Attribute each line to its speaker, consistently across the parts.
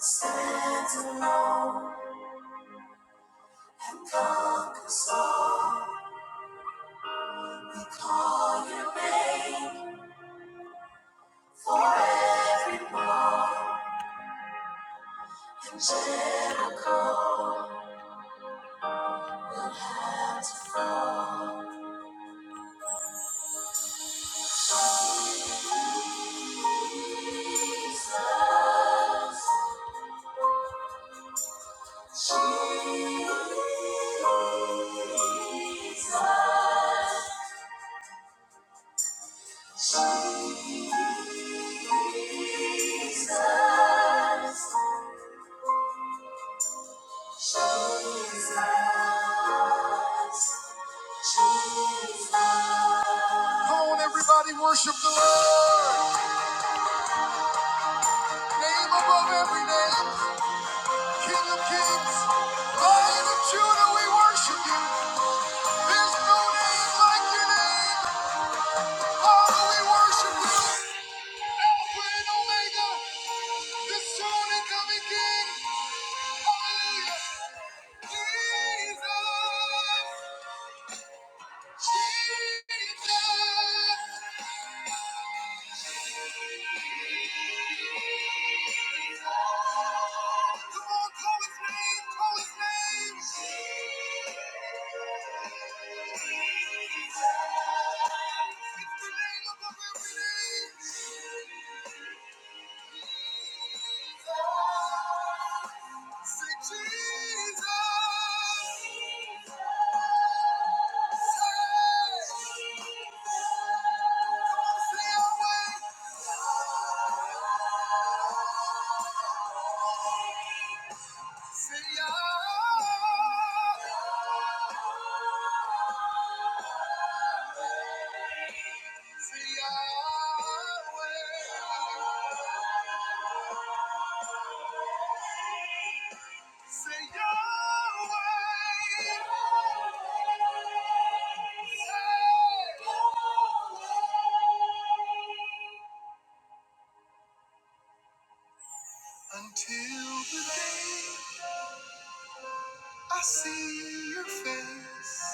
Speaker 1: Stands alone and conquers all. We call your name forevermore. And Jericho had to fall. Jesus, Jesus, Jesus. Come on, everybody, worship the Lord. Name above every name, King of kings, Lion of Judah, we worship you. There's no name like your name. Father, we worship you. Alpha and Omega, the soon and coming King. Hallelujah. Jesus. Until the day I see your face.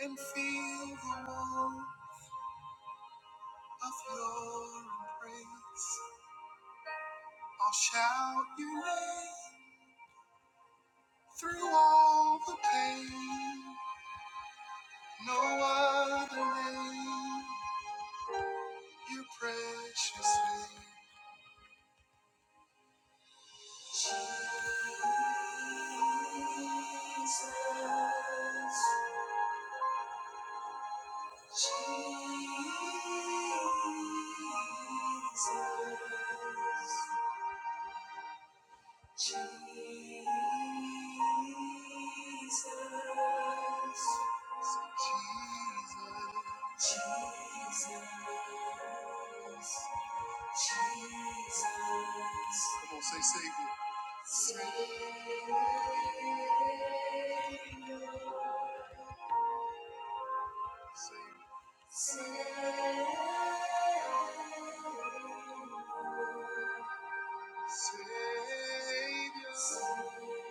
Speaker 1: and feel the warmth of your embrace. I'll shout your name through all the pain. No other name, your precious name. Jesus, Jesus. Come on, say Savior. Savior. Savior.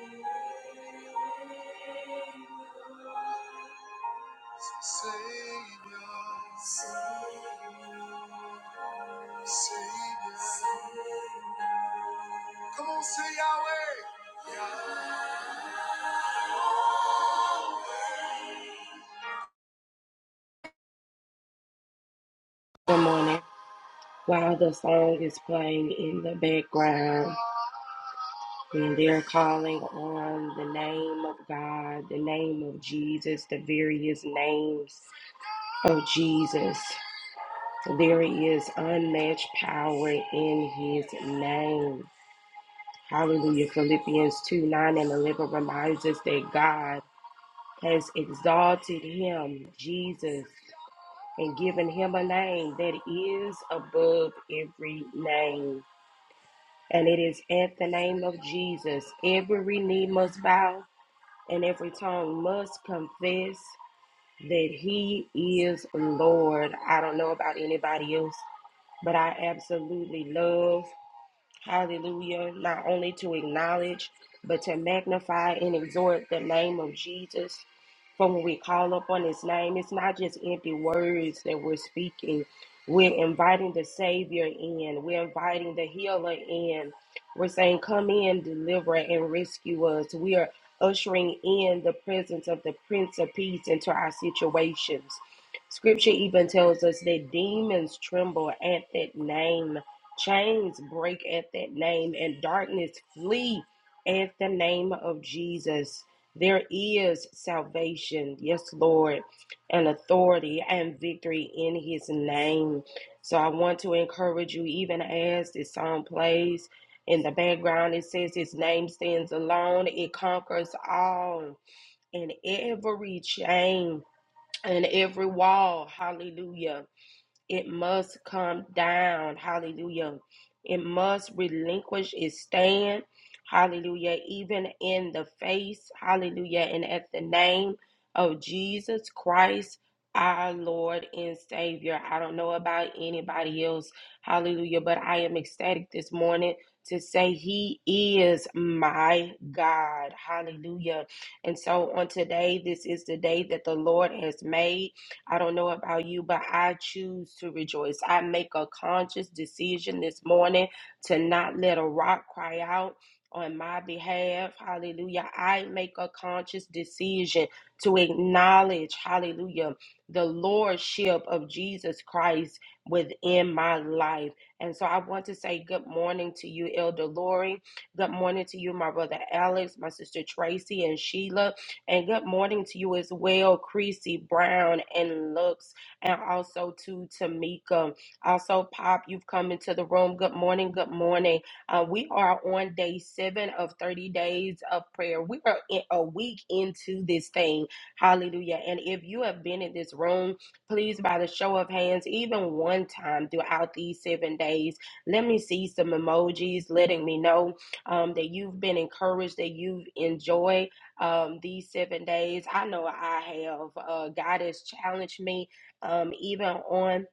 Speaker 1: Good morning. While the song is playing in the background and they're calling on the name of God, the name of Jesus, the various names of Jesus, there is unmatched power in his name. Hallelujah. Philippians 2 9 and 11 reminds us that God has exalted him, Jesus, and given him a name that is above every name. And it is at the name of Jesus every knee must bow and every tongue must confess that he is Lord. I don't know about anybody else, but I absolutely love Hallelujah. Not only to acknowledge, but to magnify and exhort the name of Jesus. For when we call upon his name, it's not just empty words that we're speaking. We're inviting the Savior in, we're inviting the healer in. We're saying, Come in, deliver, and rescue us. We are ushering in the presence of the Prince of Peace into our situations. Scripture even tells us that demons tremble at that name. Chains break at that name and darkness flee at the name of Jesus. There is salvation, yes, Lord, and authority and victory in his name. So I want to encourage you, even as this song plays in the background, it says his name stands alone, it conquers all and every chain and every wall. Hallelujah. It must come down. Hallelujah. It must relinquish its stand. Hallelujah. Even in the face. Hallelujah. And at the name of Jesus Christ, our Lord and Savior. I don't know about anybody else. Hallelujah. But I am ecstatic this morning to say He is my God. Hallelujah. And so on today, this is the day that the Lord has made. I don't know about you, but I choose to rejoice. I make a conscious decision this morning to not let a rock cry out on my behalf. Hallelujah. I make a conscious decision to acknowledge, hallelujah, the lordship of Jesus Christ within my life. And so I want to say good morning to you, Elder Lori. Good morning to you, my brother Alex, my sister Tracy, and Sheila. And good morning to you as well, Creasy Brown and Lux, and also to Tamika. Also, Pop, you've come into the room. Good morning. Good morning. Uh, we are on day seven of 30 days of prayer. We are in a week into this thing. Hallelujah. And if you have been in this room, please, by the show of hands, even one time throughout these seven days, let me see some emojis letting me know um, that you've been encouraged, that you've enjoyed um, these seven days. I know I have. Uh, God has challenged me um, even on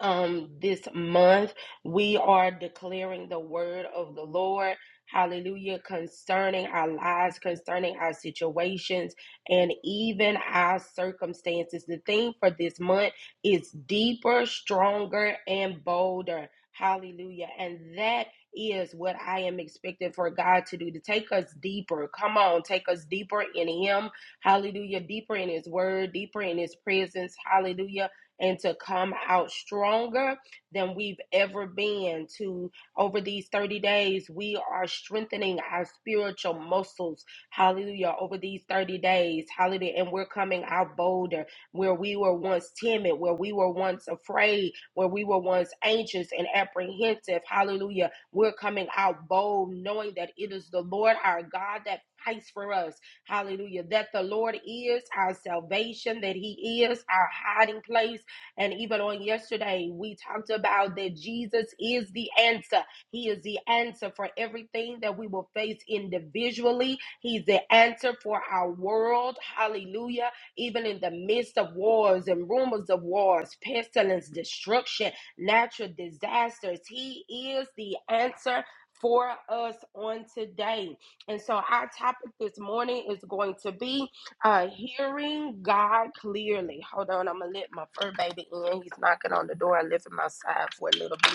Speaker 1: um this month we are declaring the word of the lord hallelujah concerning our lives concerning our situations and even our circumstances the theme for this month is deeper stronger and bolder hallelujah and that is what I am expecting for God to do to take us deeper. Come on, take us deeper in Him. Hallelujah. Deeper in His Word, deeper in His presence. Hallelujah and to come out stronger than we've ever been to over these 30 days we are strengthening our spiritual muscles hallelujah over these 30 days hallelujah and we're coming out bolder where we were once timid where we were once afraid where we were once anxious and apprehensive hallelujah we're coming out bold knowing that it is the lord our god that fights for us hallelujah that the lord is our salvation that he is our hiding place and even on yesterday, we talked about that Jesus is the answer. He is the answer for everything that we will face individually. He's the answer for our world. Hallelujah. Even in the midst of wars and rumors of wars, pestilence, destruction, natural disasters, He is the answer. For us on today. And so, our topic this morning is going to be uh, hearing God clearly. Hold on, I'm gonna let my fur baby in. He's knocking on the door. I live in my side for a little bit.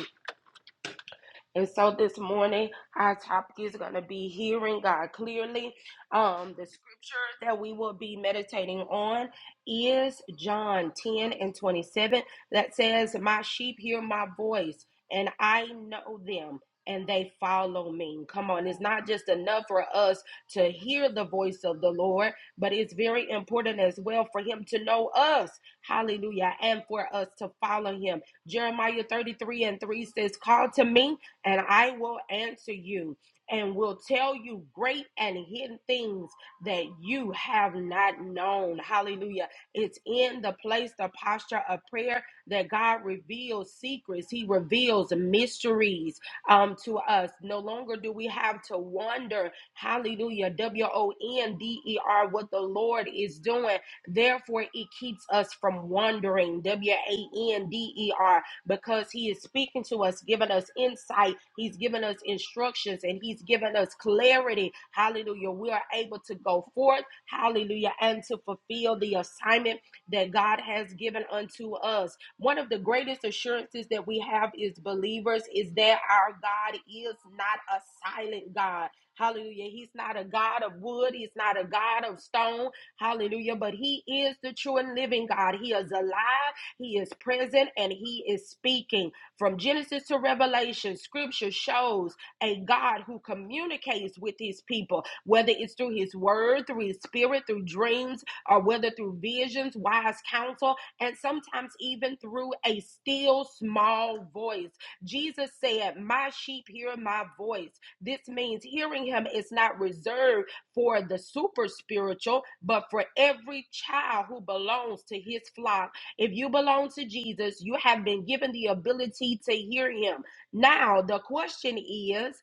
Speaker 1: And so this morning, our topic is going to be hearing God clearly. Um, the scripture that we will be meditating on is John 10 and 27 that says, My sheep hear my voice, and I know them. And they follow me. Come on, it's not just enough for us to hear the voice of the Lord, but it's very important as well for Him to know us. Hallelujah. And for us to follow Him. Jeremiah 33 and 3 says, Call to me and I will answer you and will tell you great and hidden things that you have not known. Hallelujah. It's in the place, the posture of prayer that God reveals secrets, He reveals mysteries um, to us. No longer do we have to wonder, hallelujah, W O N D E R, what the Lord is doing. Therefore, it keeps us from wandering, W A N D E R because he is speaking to us, giving us insight, he's given us instructions, and he's given us clarity. Hallelujah. We are able to go forth, hallelujah, and to fulfill the assignment that God has given unto us. One of the greatest assurances that we have as believers is that our God is not a silent God. Hallelujah. He's not a God of wood. He's not a God of stone. Hallelujah. But He is the true and living God. He is alive. He is present and he is speaking. From Genesis to Revelation, scripture shows a God who communicates with his people, whether it's through his word, through his spirit, through dreams, or whether through visions, wise counsel, and sometimes even through a still small voice. Jesus said, My sheep hear my voice. This means hearing him is not reserved for the super spiritual, but for every child who belongs to his flock if you belong to Jesus, you have been given the ability to hear him. Now, the question is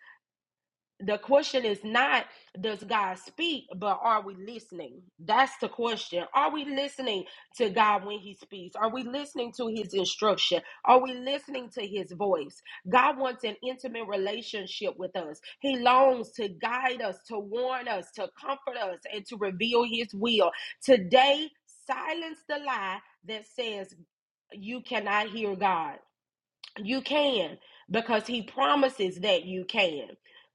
Speaker 1: the question is not, does God speak, but are we listening? That's the question. Are we listening to God when he speaks? Are we listening to his instruction? Are we listening to his voice? God wants an intimate relationship with us. He longs to guide us, to warn us, to comfort us, and to reveal his will. Today, silence the lie that says you cannot hear God. You can because He promises that you can.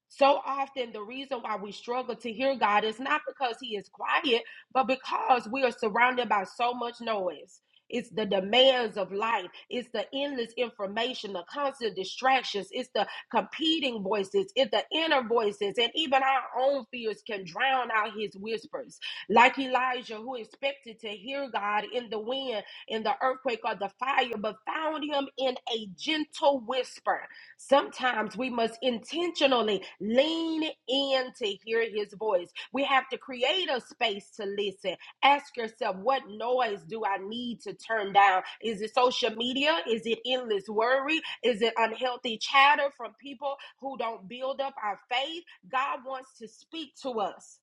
Speaker 1: So often, the reason why we struggle to hear God is not because He is quiet, but because we are surrounded by so much noise. It's the demands of life. It's the endless information, the constant distractions. It's the competing voices. It's the inner voices. And even our own fears can drown out his whispers. Like Elijah, who expected to hear God in the wind in the earthquake or the fire, but found him in a gentle whisper. Sometimes we must intentionally lean in to hear his voice. We have to create a space to listen. Ask yourself, what noise do I need to turn down? Is it social media? Is it endless worry? Is it unhealthy chatter from people who don't build up our faith? God wants to speak to us,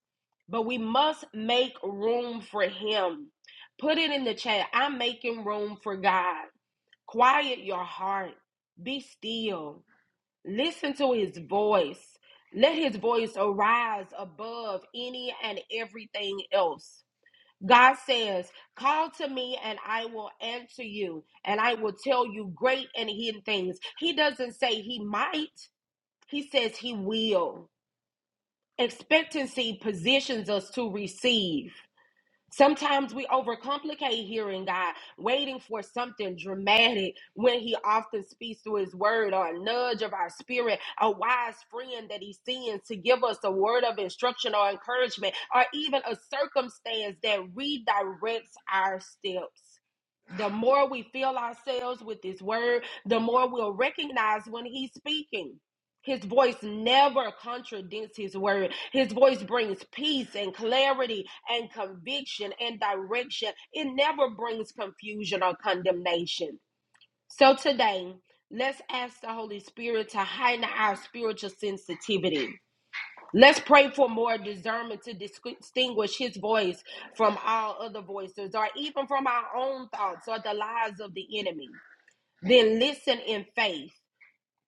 Speaker 1: but we must make room for him. Put it in the chat. I'm making room for God. Quiet your heart. Be still. Listen to his voice. Let his voice arise above any and everything else. God says, Call to me and I will answer you and I will tell you great and hidden things. He doesn't say he might, he says he will. Expectancy positions us to receive. Sometimes we overcomplicate hearing God, waiting for something dramatic when He often speaks through His word or a nudge of our spirit, a wise friend that He sends to give us a word of instruction or encouragement, or even a circumstance that redirects our steps. The more we fill ourselves with His word, the more we'll recognize when He's speaking. His voice never contradicts his word. His voice brings peace and clarity and conviction and direction. It never brings confusion or condemnation. So today, let's ask the Holy Spirit to heighten our spiritual sensitivity. Let's pray for more discernment to distinguish his voice from all other voices or even from our own thoughts or the lies of the enemy. Then listen in faith,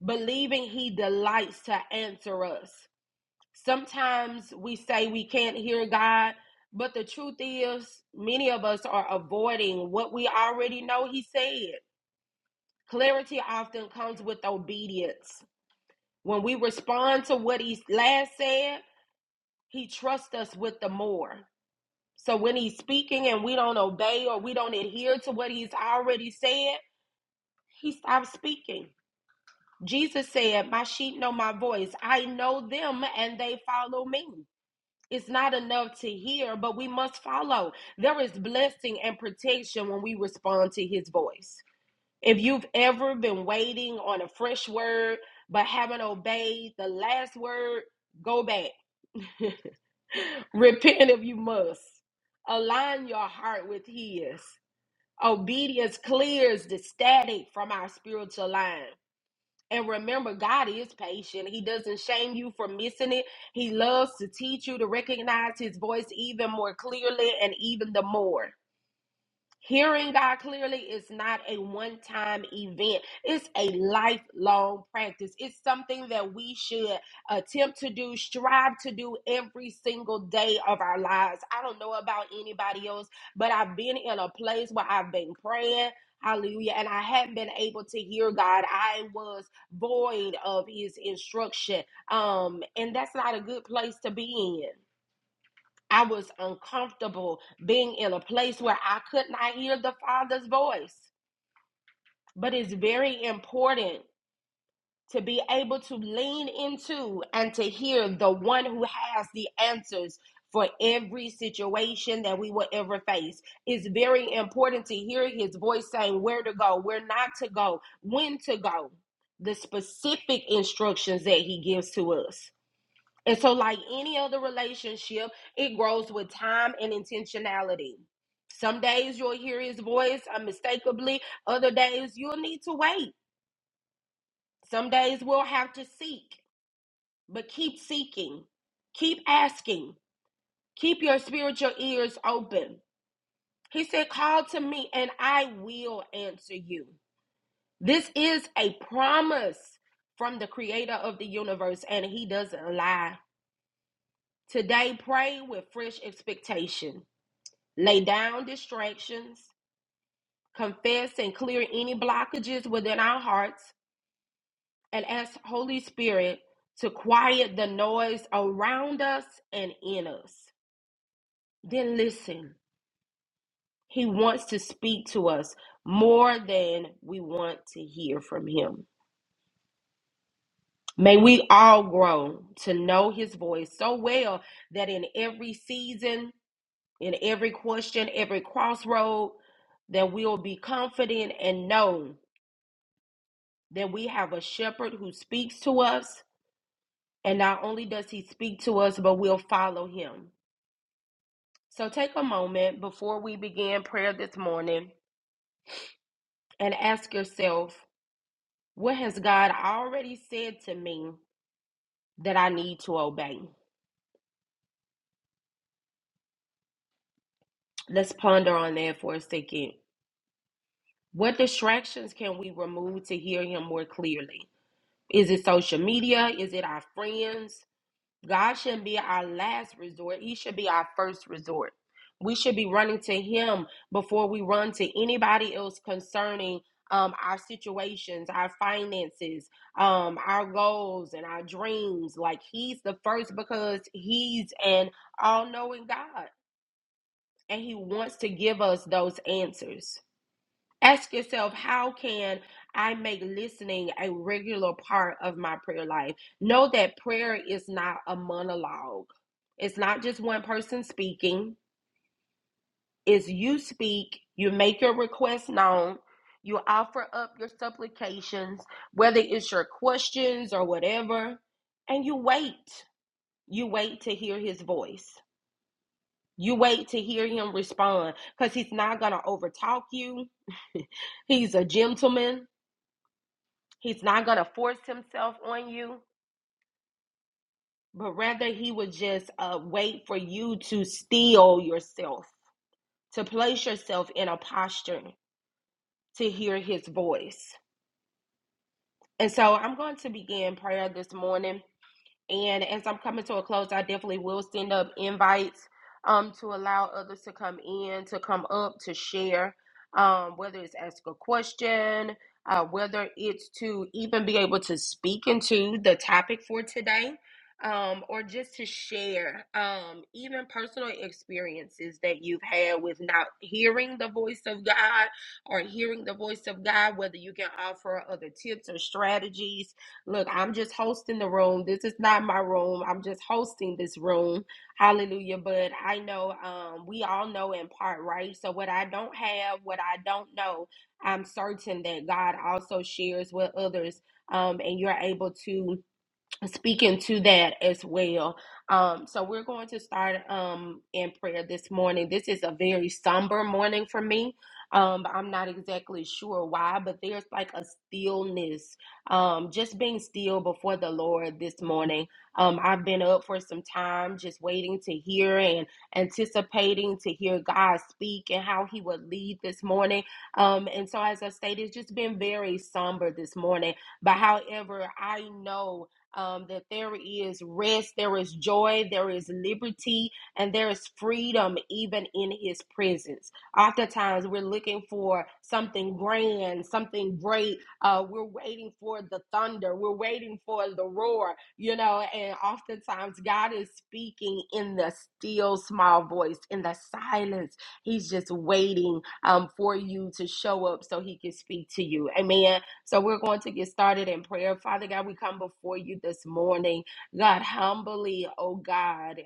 Speaker 1: believing he delights to answer us. Sometimes we say we can't hear God, but the truth is, many of us are avoiding what we already know He said. Clarity often comes with obedience. When we respond to what He last said, He trusts us with the more. So when He's speaking and we don't obey or we don't adhere to what He's already said, He stops speaking. Jesus said, My sheep know my voice. I know them and they follow me. It's not enough to hear, but we must follow. There is blessing and protection when we respond to his voice. If you've ever been waiting on a fresh word but haven't obeyed the last word, go back. Repent if you must. Align your heart with his. Obedience clears the static from our spiritual line. And remember, God is patient. He doesn't shame you for missing it. He loves to teach you to recognize His voice even more clearly and even the more. Hearing God clearly is not a one time event, it's a lifelong practice. It's something that we should attempt to do, strive to do every single day of our lives. I don't know about anybody else, but I've been in a place where I've been praying. Hallelujah. And I hadn't been able to hear God. I was void of his instruction. Um, and that's not a good place to be in. I was uncomfortable being in a place where I could not hear the Father's voice. But it's very important to be able to lean into and to hear the one who has the answers for every situation that we will ever face. It's very important to hear his voice saying where to go, where not to go, when to go, the specific instructions that he gives to us. And so, like any other relationship, it grows with time and intentionality. Some days you'll hear his voice unmistakably, other days you'll need to wait. Some days we'll have to seek, but keep seeking, keep asking, keep your spiritual ears open. He said, Call to me and I will answer you. This is a promise from the creator of the universe, and he doesn't lie. Today, pray with fresh expectation. lay down distractions, confess and clear any blockages within our hearts, and ask Holy Spirit to quiet the noise around us and in us. Then listen. He wants to speak to us more than we want to hear from him. May we all grow to know his voice so well that in every season, in every question, every crossroad, that we'll be confident and know that we have a shepherd who speaks to us, and not only does he speak to us, but we'll follow him. So take a moment before we begin prayer this morning and ask yourself, what has God already said to me that I need to obey? Let's ponder on that for a second. What distractions can we remove to hear him more clearly? Is it social media? Is it our friends? God shouldn't be our last resort. He should be our first resort. We should be running to Him before we run to anybody else concerning um, our situations, our finances, um, our goals, and our dreams. Like He's the first because He's an all knowing God and He wants to give us those answers. Ask yourself, how can I make listening a regular part of my prayer life? Know that prayer is not a monologue, it's not just one person speaking. It's you speak, you make your request known, you offer up your supplications, whether it's your questions or whatever, and you wait. You wait to hear his voice. You wait to hear him respond because he's not going to overtalk you. He's a gentleman. He's not going to force himself on you, but rather he would just uh, wait for you to steal yourself, to place yourself in a posture to hear his voice. And so I'm going to begin prayer this morning. And as I'm coming to a close, I definitely will send up invites um, to allow others to come in, to come up, to share, um, whether it's ask a question, uh, whether it's to even be able to speak into the topic for today, um, or just to share um, even personal experiences that you've had with not hearing the voice of God or hearing the voice of God, whether you can offer other tips or strategies Look, I'm just hosting the room. This is not my room. I'm just hosting this room. Hallelujah. But I know um we all know in part, right? So what I don't have, what I don't know, I'm certain that God also shares with others. Um, and you're able to speaking to that as well. Um, so we're going to start um, in prayer this morning. This is a very somber morning for me. Um, I'm not exactly sure why, but there's like a stillness, um, just being still before the Lord this morning. Um, I've been up for some time, just waiting to hear and anticipating to hear God speak and how He would lead this morning. Um, and so, as I stated, it's just been very somber this morning. But however, I know um, that there is rest, there is joy, there is liberty, and there is freedom even in His presence. Oftentimes, we're looking for something grand, something great. Uh, we're waiting for the thunder, we're waiting for the roar, you know. And oftentimes, God is speaking in the still small voice, in the silence. He's just waiting um, for you to show up so He can speak to you. Amen. So we're going to get started in prayer. Father God, we come before you this morning, God, humbly, oh God,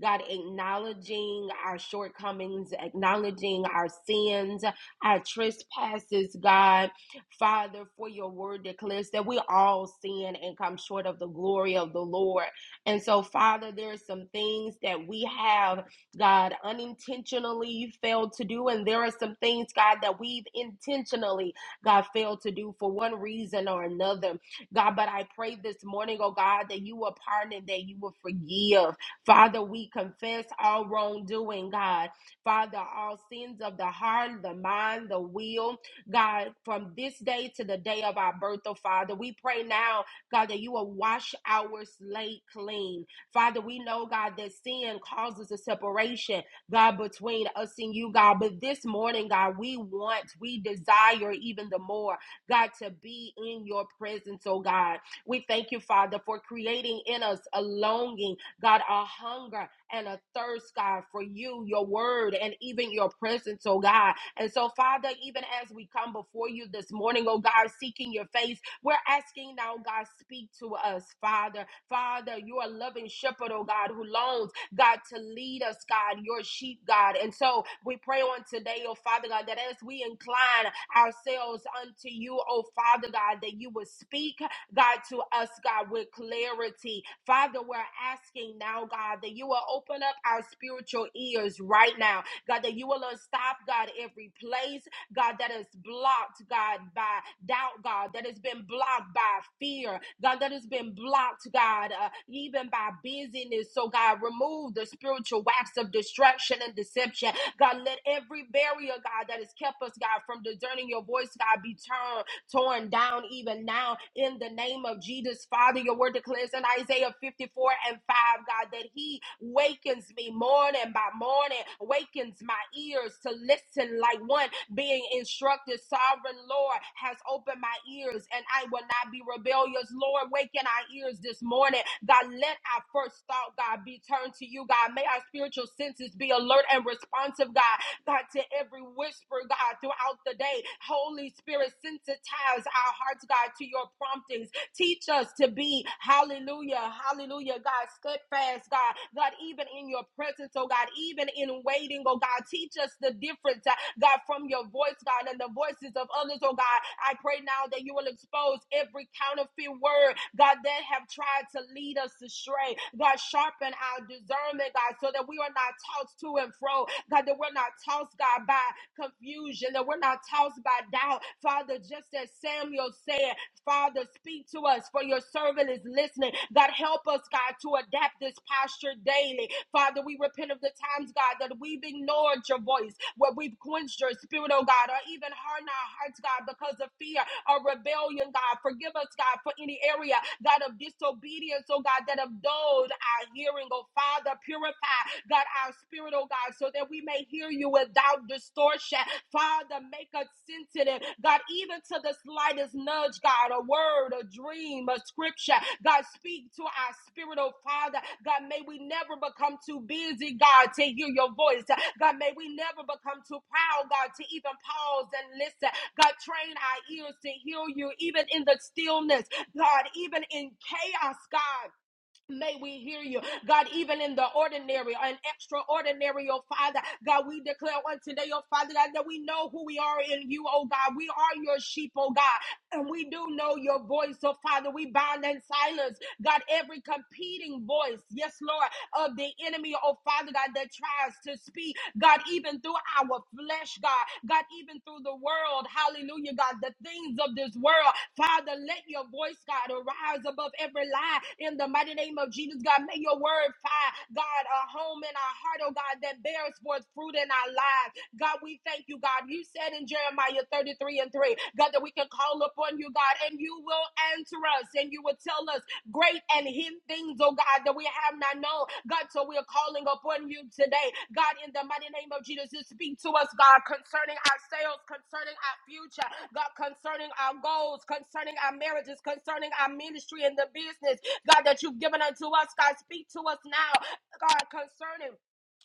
Speaker 1: God, acknowledging our shortcomings, acknowledging our sins, our trespasses, God. Father, for your word declares that we all sin and come short of the glory of the Lord. And so, Father, there are some things that we have, God, unintentionally failed to do, and there are some things, God, that we've intentionally God, failed to do for one reason or another. God, but I pray this morning, oh God, that you will pardon, that you will forgive. Father, we confess all wrongdoing, God. Father, all sins of the heart, the mind, the will, God, from this day to the day of our birth, oh Father, we pray now, God, that you will wash our slate clean. Father, we know, God, that sin causes a separation. God, between us and you, God. But this morning, God, we want, we desire even the more, God, to be in your presence, oh God. We thank you, Father, for creating in us a longing, God, a hunger and a thirst, God, for you, your word, and even your presence, oh God. And so, Father, even as we come before you this morning, oh God, seeking your face, we're asking now, God, speak to us, Father. Father, you're a loving shepherd, oh God, who longs. God, to lead us, God, your sheep, God. And so we pray on today, oh Father God, that as we incline ourselves unto you, oh Father God, that you would speak, God, to us, God, with clarity. Father, we're asking now, God, that you will open up our spiritual ears right now. God, that you will unstop, God, every place. God, that is blocked, God, by doubt, God, that has been blocked by fear, God, that has been blocked, God, uh, even by busyness. So, God, remove the spiritual wax of distraction and deception. God, let every barrier, God, that has kept us, God, from discerning your voice, God, be turned torn down even now in the name of Jesus. Father, your word declares in Isaiah 54 and 5, God, that He wakens me morning by morning, wakens my ears to listen like one being instructed. Sovereign Lord has opened my ears and I will not be rebellious. Lord, waken our ears this morning. God, let our first thought, God, be turned to you, God. May our spiritual senses be alert and responsive, God, God, to every whisper, God, throughout the day. Holy Spirit, sensitize our hearts, God, to your promptings Teach us to be, hallelujah, hallelujah, God, steadfast, God, God, even in your presence, oh God, even in waiting, oh God, teach us the difference, uh, God, from your voice, God, and the voices of others, oh God. I pray now that you will expose every counterfeit word, God, that have tried to lead us astray. God, sharpen our discernment, God, so that we are not tossed to and fro, God, that we're not tossed, God, by confusion, that we're not tossed by doubt. Father, just as Samuel said, Father, speak to us, for your servant is listening. God, help us, God, to adapt this posture daily. Father, we repent of the times, God, that we've ignored your voice, where we've quenched your spirit, oh God, or even hardened our hearts, God, because of fear or rebellion, God. Forgive us, God, for any area, God, of disobedience, oh God, that have dulled our hearing, oh Father. Purify, God, our spirit, oh God, so that we may hear you without distortion. Father, make us sensitive, God, even to the slightest nudge, God. God, a word, a dream, a scripture. God, speak to our spirit, oh Father. God, may we never become too busy, God, to hear your voice. God, may we never become too proud, God, to even pause and listen. God, train our ears to hear you, even in the stillness, God, even in chaos, God. May we hear you, God, even in the ordinary and extraordinary, oh Father. God, we declare on today, oh Father, God, that we know who we are in you, oh God. We are your sheep, oh God, and we do know your voice, oh Father. We bind and silence, God, every competing voice. Yes, Lord of the enemy, oh Father God, that tries to speak, God, even through our flesh, God, God, even through the world, hallelujah, God, the things of this world, Father, let your voice, God, arise above every lie in the mighty name of Jesus, God. May your word find, God, a home in our heart, oh God, that bears forth fruit in our lives. God, we thank you, God. You said in Jeremiah 33 and 3, God, that we can call upon you, God, and you will answer us and you will tell us great and hidden things, oh God, that we have not known. God, so we are calling upon you today. God, in the mighty name of Jesus, you speak to us, God, concerning ourselves, concerning our future, God, concerning our goals, concerning our marriages, concerning our ministry and the business, God, that you've given unto us, God, speak to us now, God, concerning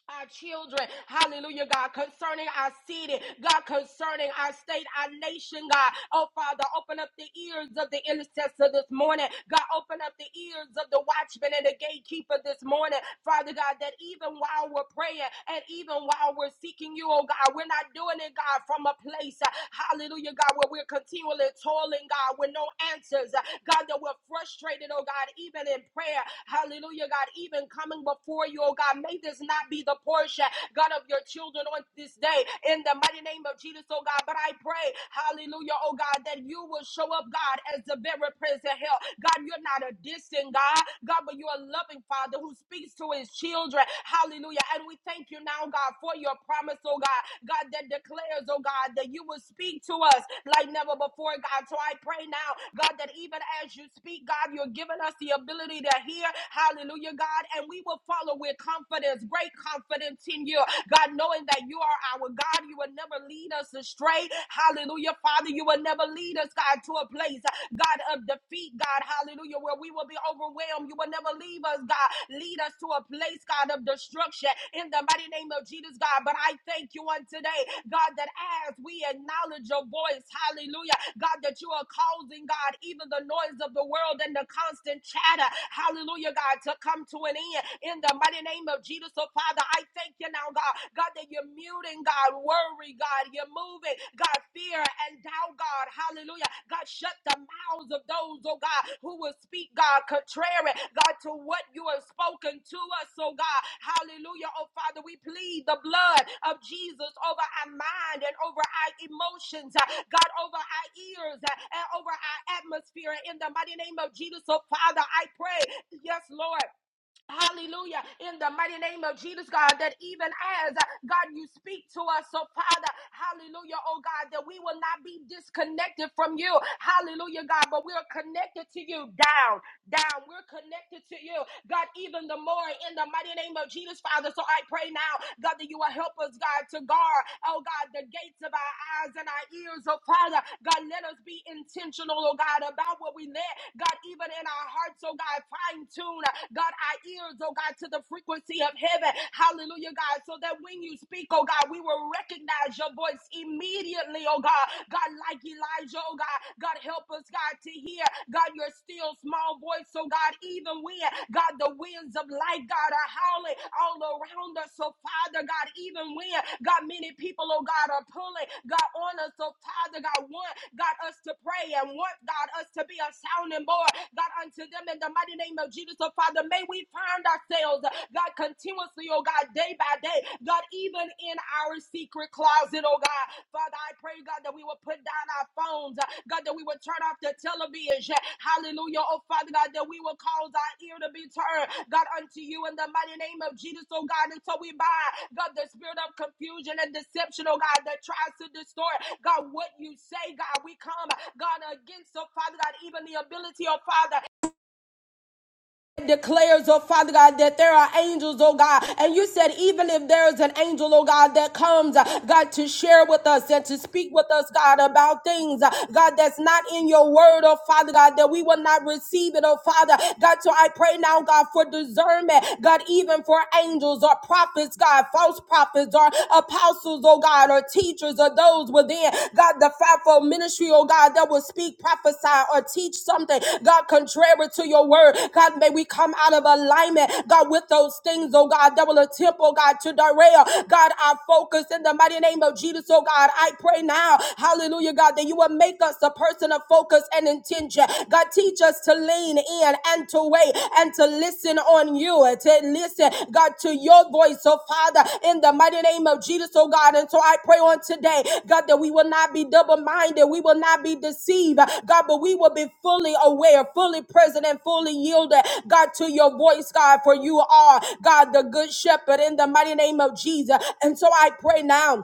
Speaker 1: our children, hallelujah, God, concerning our city, God, concerning our state, our nation, God. Oh, Father, open up the ears of the intercessor this morning. God, open up the ears of the watchman and the gatekeeper this morning, Father God, that even while we're praying and even while we're seeking you, oh God, we're not doing it, God, from a place, uh, hallelujah, God, where we're continually toiling, God, with no answers, uh, God, that we're frustrated, oh God, even in prayer, hallelujah, God, even coming before you, oh God, may faith is not be the portion, God, of your children on this day. In the mighty name of Jesus, oh God. But I pray, hallelujah, oh God, that you will show up, God, as the very present help. God, you're not a distant God, God, but you're a loving Father who speaks to his children. Hallelujah. And we thank you now, God, for your promise, oh God, God, that declares, oh God, that you will speak to us like never before, God. So I pray now, God, that even as you speak, God, you're giving us the ability to hear. Hallelujah, God. And we will follow Father, we're confidence, great confidence in you. God, knowing that you are our God, you will never lead us astray. Hallelujah, Father, you will never lead us, God, to a place, God, of defeat, God, hallelujah, where we will be overwhelmed. You will never leave us, God. Lead us to a place, God, of destruction in the mighty name of Jesus, God. But I thank you on today, God, that as we acknowledge your voice, hallelujah, God, that you are causing, God, even the noise of the world and the constant chatter, hallelujah, God, to come to an end in the mighty name of Jesus. So, Father, I thank you now, God. God, that you're muting, God, worry, God, you're moving, God, fear and doubt, God, hallelujah. God, shut the mouths of those, oh God, who will speak, God, contrary, God, to what you have spoken to us, oh God, hallelujah. Oh, Father, we plead the blood of Jesus over our mind and over our emotions, uh, God, over our ears uh, and over our atmosphere in the mighty name of Jesus. So, Father, I pray, yes, Lord. Hallelujah. In the mighty name of Jesus, God, that even as uh, God, you speak to us, so Father, hallelujah, oh God, that we will not be disconnected from you. Hallelujah, God, but we are connected to you down down. We're connected to you, God, even the more in the mighty name of Jesus, Father. So I pray now, God, that you will help us, God, to guard, oh God, the gates of our eyes and our ears, oh Father. God, let us be intentional, oh God, about what we let, God, even in our hearts, oh God, fine tune, God, our ears, oh God, to the frequency of heaven. Hallelujah, God, so that when you speak, oh God, we will recognize your voice immediately, oh God. God. God, like Elijah, oh God, God, help us, God, to hear, God, your still small voice, so God, even when, God, the winds of life, God, are howling all around us, so Father, God, even when, God, many people, oh God, are pulling, God, on us, so Father, God, want, God, us to pray and want, God, us to be a sounding board, God, unto them in the mighty name of Jesus, so Father, may we find ourselves, God, continuously, oh God. God, day by day. God, even in our secret closet, oh God. Father, I pray, God, that we will put down our phones. uh, God, that we will turn off the television. Hallelujah. Oh, Father God, that we will cause our ear to be turned. God, unto you in the mighty name of Jesus, oh God. Until we bind, God, the spirit of confusion and deception, oh God, that tries to distort, God, what you say, God. We come, God, against, oh Father God, even the ability, oh Father declares, oh Father God, that there are angels, oh God. And you said, even if there's an angel, oh God, that comes, uh, God, to share with us and to speak with us, God, about things, uh, God, that's not in your word, oh Father God, that we will not receive it, oh Father. God, so I pray now, God, for discernment, God, even for angels or prophets, God, false prophets or apostles, oh God, or teachers teachers or those within, God, the fivefold ministry, oh God, that will speak, prophesy, or teach something, God, contrary to your word. God, may we come out of alignment, God, with those things, oh God, that will attempt, oh God, to derail, God, our focus in the mighty name of Jesus, oh God. I pray now, hallelujah, God, that you will make us a person of focus and intention. God, teach us to lean in and and to wait and to listen on you and to listen, God, to your voice. So, Father, in the mighty name of Jesus, oh God. And so I pray on today, God, that we will not be double minded, we will not be deceived, God, but we will be fully aware, fully present, and fully yielded, God, to your voice, God, for you are, God, the good shepherd in the mighty name of Jesus. And so I pray now.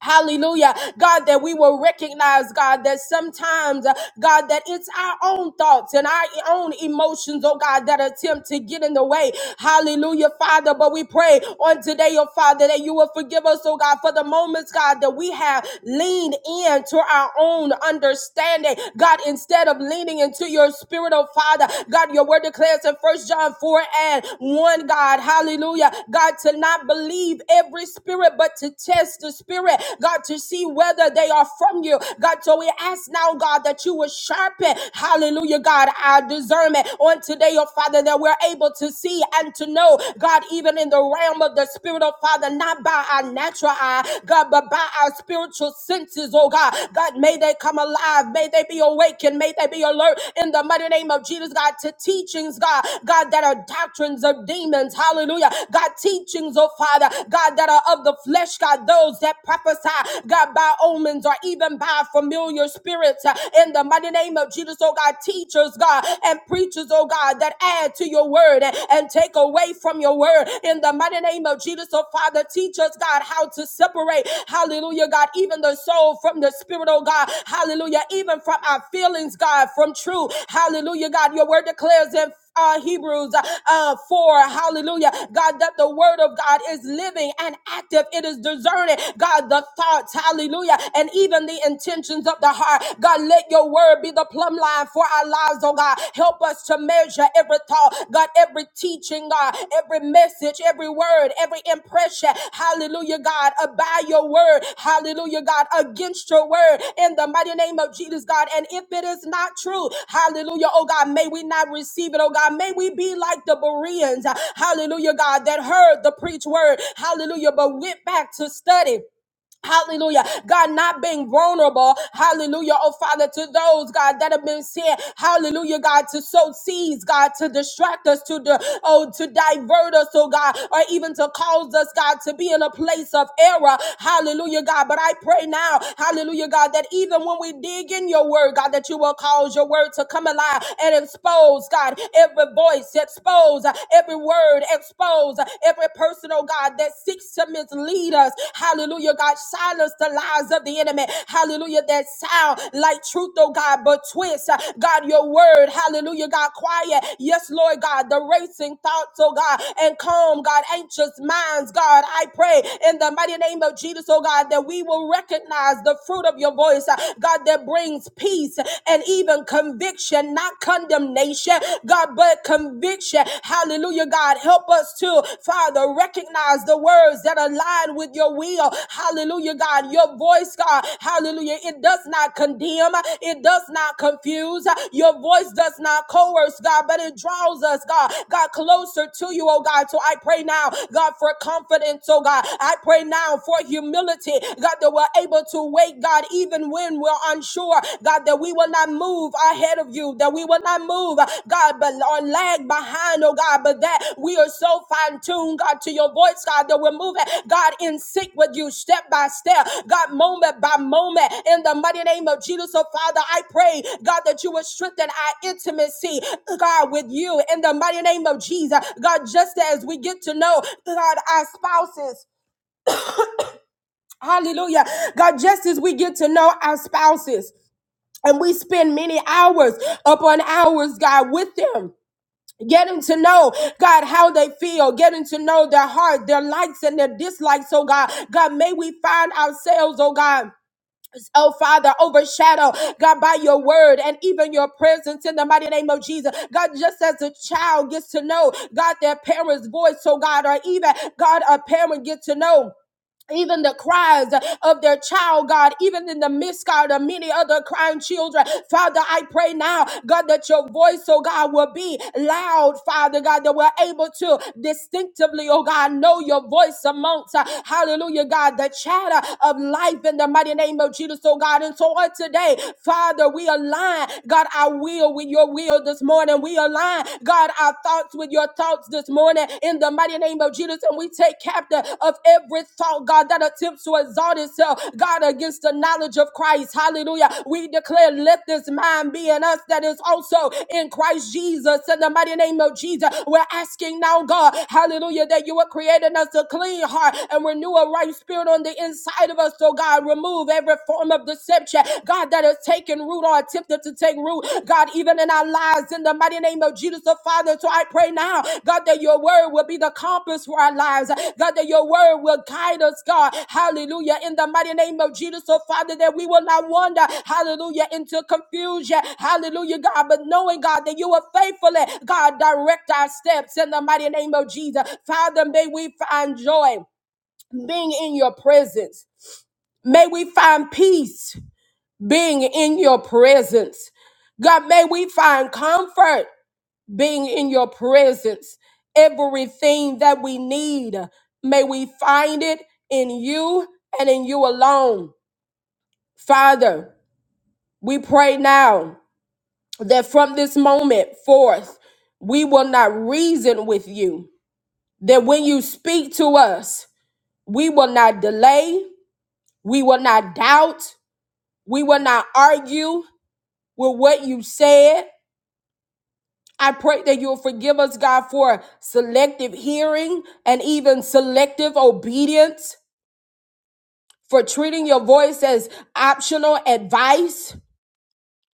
Speaker 1: Hallelujah. God, that we will recognize, God, that sometimes, uh, God, that it's our own thoughts and our own emotions, oh God, that attempt to get in the way. Hallelujah, Father. But we pray on today, oh Father, that you will forgive us, oh God, for the moments, God, that we have leaned into our own understanding. God, instead of leaning into your spirit, oh Father, God, your word declares in First John 4 and 1, God, hallelujah. God, to not believe every spirit, but to test the spirit spirit, God, to see whether they are from you. God, so we ask now, God, that you will sharpen, hallelujah, God, our discernment on today, oh Father, that we're able to see and to know, God, even in the realm of the spirit, oh Father, not by our natural eye, God, but by our spiritual senses, oh God. God, may they come alive, may they be awakened, may they be alert in the mighty name of Jesus, God, to teachings, God, God, that are doctrines of demons, hallelujah. God, teachings, oh Father, God, that are of the flesh, God, those that prophesy, God, by omens or even by familiar spirits uh, in the mighty name of Jesus, oh God, teachers, God, and preachers, oh God, that add to your word and, and take away from your word in the mighty name of Jesus, oh Father, teach us, God, how to separate, hallelujah, God, even the soul from the spirit, oh God, hallelujah, even from our feelings, God, from truth. hallelujah, God, your word declares in uh, Hebrews uh, uh, 4. Hallelujah. God, that the word of God is living and active. It is discerning. God, the thoughts. Hallelujah. And even the intentions of the heart. God, let your word be the plumb line for our lives, oh God. Help us to measure every thought, God, every teaching, God, every message, every every word, every impression, hallelujah, God, uh, by your word, hallelujah, God, against your word in the mighty name of Jesus, God. And if it is not true, hallelujah, oh God, may we not receive it, oh God, may we be like the Bereans, hallelujah, God, that heard the preached word, hallelujah, but went back to study. Hallelujah. God, not being vulnerable. Hallelujah. Oh, Father, to those, God, that have been sent. Hallelujah, God, to sow seeds, God, to distract us, to, di- oh, to divert us, oh, God, or even to cause us, God, to be in a place of error. Hallelujah, God. But I pray now, hallelujah, God, that even when we dig in your word, God, that you will cause your word to come alive and expose, God, every voice, expose every word, expose those, uh, every person, oh God, that seeks to mislead us. Hallelujah, God, silence the lies of the enemy. Hallelujah, that sound like truth, oh God, but twist, uh, God, your word. Hallelujah, God, quiet. Yes, Lord God, the racing thoughts, oh God, and calm, God, anxious minds, God. I pray in the mighty name of Jesus, oh God, that we will recognize the fruit of your voice, uh, God, that brings peace and even conviction, not condemnation condemnation, God, but conviction. Hallelujah, God. Help us to, Father, recognize the words that align with your will. Hallelujah, God. Your voice, God. Hallelujah. It does not condemn, it does not confuse. Your voice does not coerce, God, but it draws us, God, God, closer to you, oh God. So I pray now, God, for confidence, oh God. I pray now for humility, God, that we're able to wait, God, even when we're unsure, God, that we will not move ahead of you, that we will not move, God, but or lag behind, oh God, but that we are so fine tuned, God, to your voice, God, that we're moving, God, in sync with you, step by step, God, moment by moment, in the mighty name of Jesus, oh Father, I pray, God, that you would strengthen our intimacy, God, with you, in the mighty name of Jesus, God, just as we get to know, God, our spouses, hallelujah, God, just as we get to know our spouses. And we spend many hours upon hours, God, with them. Getting to know God how they feel, getting to know their heart, their likes and their dislikes. Oh God, God, may we find ourselves, oh God, oh Father, overshadowed, God, by your word and even your presence in the mighty name of Jesus. God, just as a child gets to know God their parents' voice, so God, or even God, a parent get to know even the cries of their child, God, even in the midst, God, of many other crying children. Father, I pray now, God, that your voice, oh God, will be loud, Father, God, that we're able to distinctively, oh God, know your voice amongst, uh, hallelujah, God, the chatter of life in the mighty name of Jesus, oh God. And so on today, Father, we align, God, our will with your will this morning. We align, God, our our thoughts with your thoughts this morning in the mighty name of Jesus. And we take captive of every thought, God, that attempts to exalt itself, God, against the knowledge of Christ. Hallelujah. We declare, let this mind be in us that is also in Christ Jesus. In the mighty name of Jesus, we're asking now, God, hallelujah, that you are creating us a clean heart and renew a right spirit on the inside of us. So, God, remove every form of deception, God, that is taking root or attempted to take root, God, even in our lives, in the mighty name of Jesus, the Father. So I pray now, God, that your word will be the compass for our lives, God, that your word will guide us, God. Hallelujah. In the mighty name of Jesus, so Father, that we will not wander, hallelujah, into confusion, hallelujah, God, but knowing, God, that you will faithfully, God, direct our steps in the mighty name of Jesus. Father, may we find joy being in your presence. May we find peace being in your presence. God, may we find comfort being in your presence. Everything that we need, may we find it in you and in you alone. Father, we pray now that from this moment forth, we will not reason with you, that when you speak to us, we will not delay, we will not doubt, we will not argue with what you said, I pray that you'll forgive us, God, for selective hearing and even selective obedience, for treating your voice as optional advice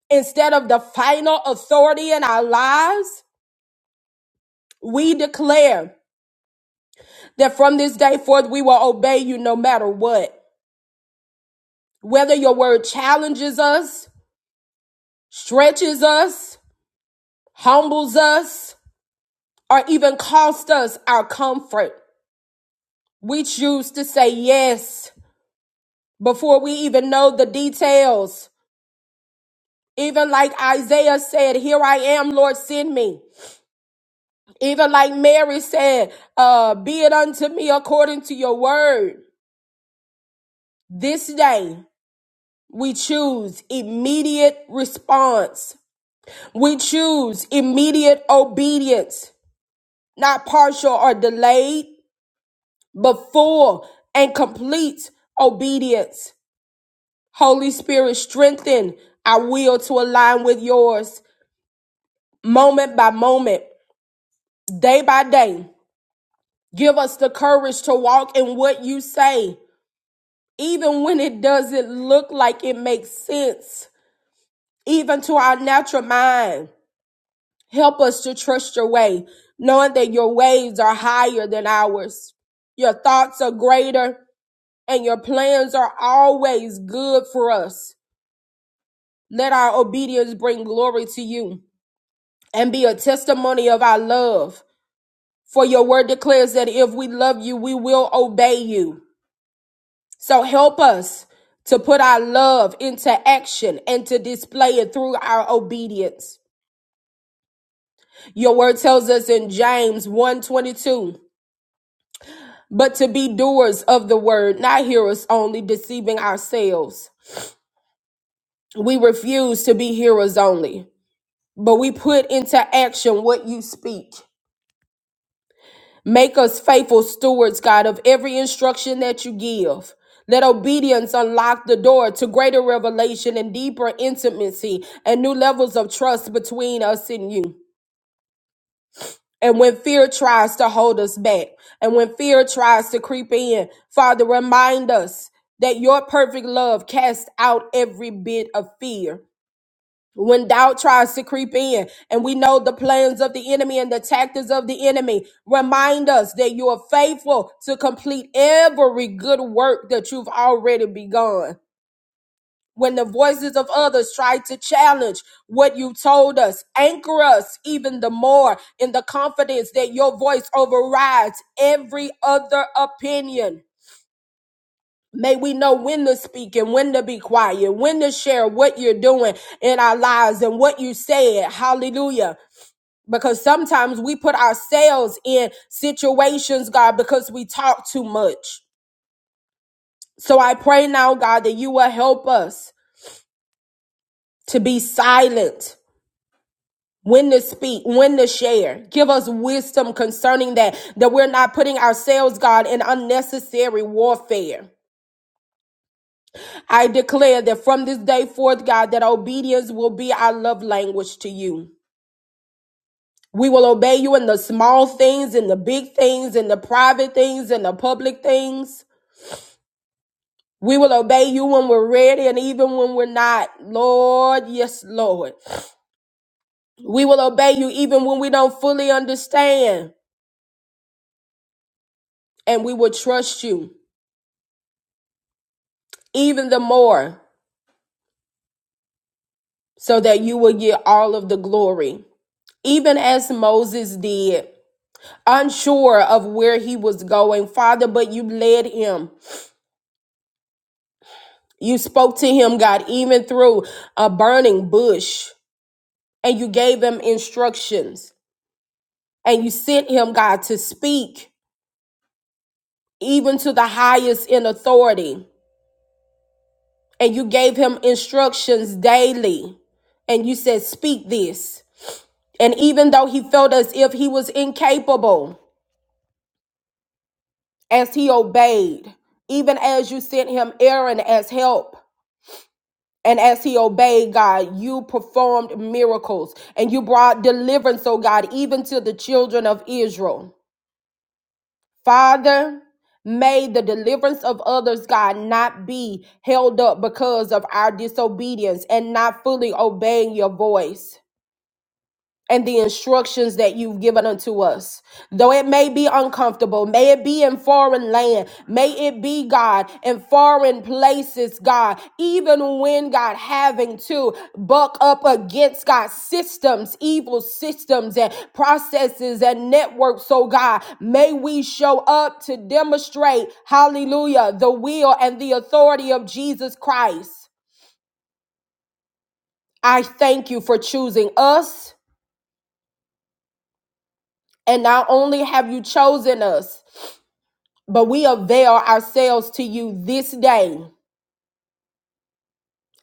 Speaker 1: instead of the final authority in our lives. We declare that from this day forth, we will obey you no matter what. Whether your word challenges us, stretches us, humbles us, or even costs us our comfort, we choose to say yes before we even know the details. Even like Isaiah said, Here I am, Lord, send me. Even like Mary said, uh, Be it unto me according to your word. This day, we choose immediate response. We choose immediate obedience, not partial or delayed, but full and complete obedience. Holy Spirit, strengthen our will to align with yours moment by moment. day by day. Give us the courage to walk in what you say, even when it doesn't look like it makes sense, even to our natural mind. Help us to trust your way, knowing that your ways are higher than ours. Your thoughts are greater and your plans are always good for us. Let our obedience bring glory to you and be a testimony of our love. For your word declares that if we love you, we will obey you. So help us to put our love into action and to display it through our obedience. Your word tells us in James one twenty two, but to be doers of the word, not hearers only, deceiving ourselves. We refuse to be hearers only, but we put into action what you speak. Make us faithful stewards, God, of every instruction that you give. Let obedience unlock the door to greater revelation and deeper intimacy and new levels of trust between us and you. And when fear tries to hold us back, and when fear tries to creep in, Father, remind us that your perfect love casts out every bit of fear when doubt tries to creep in and we know the plans of the enemy and the tactics of the enemy remind us that you are faithful to complete every good work that you've already begun when the voices of others try to challenge what you told us anchor us even the more in the confidence that your voice overrides every other opinion May we know when to speak and when to be quiet, when to share what you're doing in our lives and what you said. Hallelujah. Because sometimes we put ourselves in situations, God, because we talk too much. So I pray now, God, that you will help us to be silent when to speak, when to share. Give us wisdom concerning that, that we're not putting ourselves, God, in unnecessary warfare. I declare that from this day forth, God, that obedience will be our love language to you. We will obey you in the small things, in the big things, in the private things, in the public things. We will obey you when we're ready and even when we're not. Lord, yes, Lord. We will obey you even when we don't fully understand. And we will trust you even the more so that you will get all of the glory, even as Moses did. unsure of where he was going, Father, but you led him. You spoke to him, God, even through a burning bush, and you gave him instructions. And you sent him, God, to speak even to the highest in authority. And you gave him instructions daily. And you said, Speak this. And even though he felt as if he was incapable, as he obeyed, even as you sent him Aaron as help, And as he obeyed God, you performed miracles and you brought deliverance, oh God, even to the children of Israel. Father, may the deliverance of others, God, not be held up because of our disobedience and not fully obeying your voice and the instructions that you've given unto us. Though it may be uncomfortable, may it be in foreign land, may it be, God, in foreign places, God, even when, God, having to buck up against, God, systems, evil systems and processes and networks, so, God, may we show up to demonstrate, hallelujah, the will and the authority of Jesus Christ. I thank you for choosing us. And not only have you chosen us, But we avail ourselves to you this day.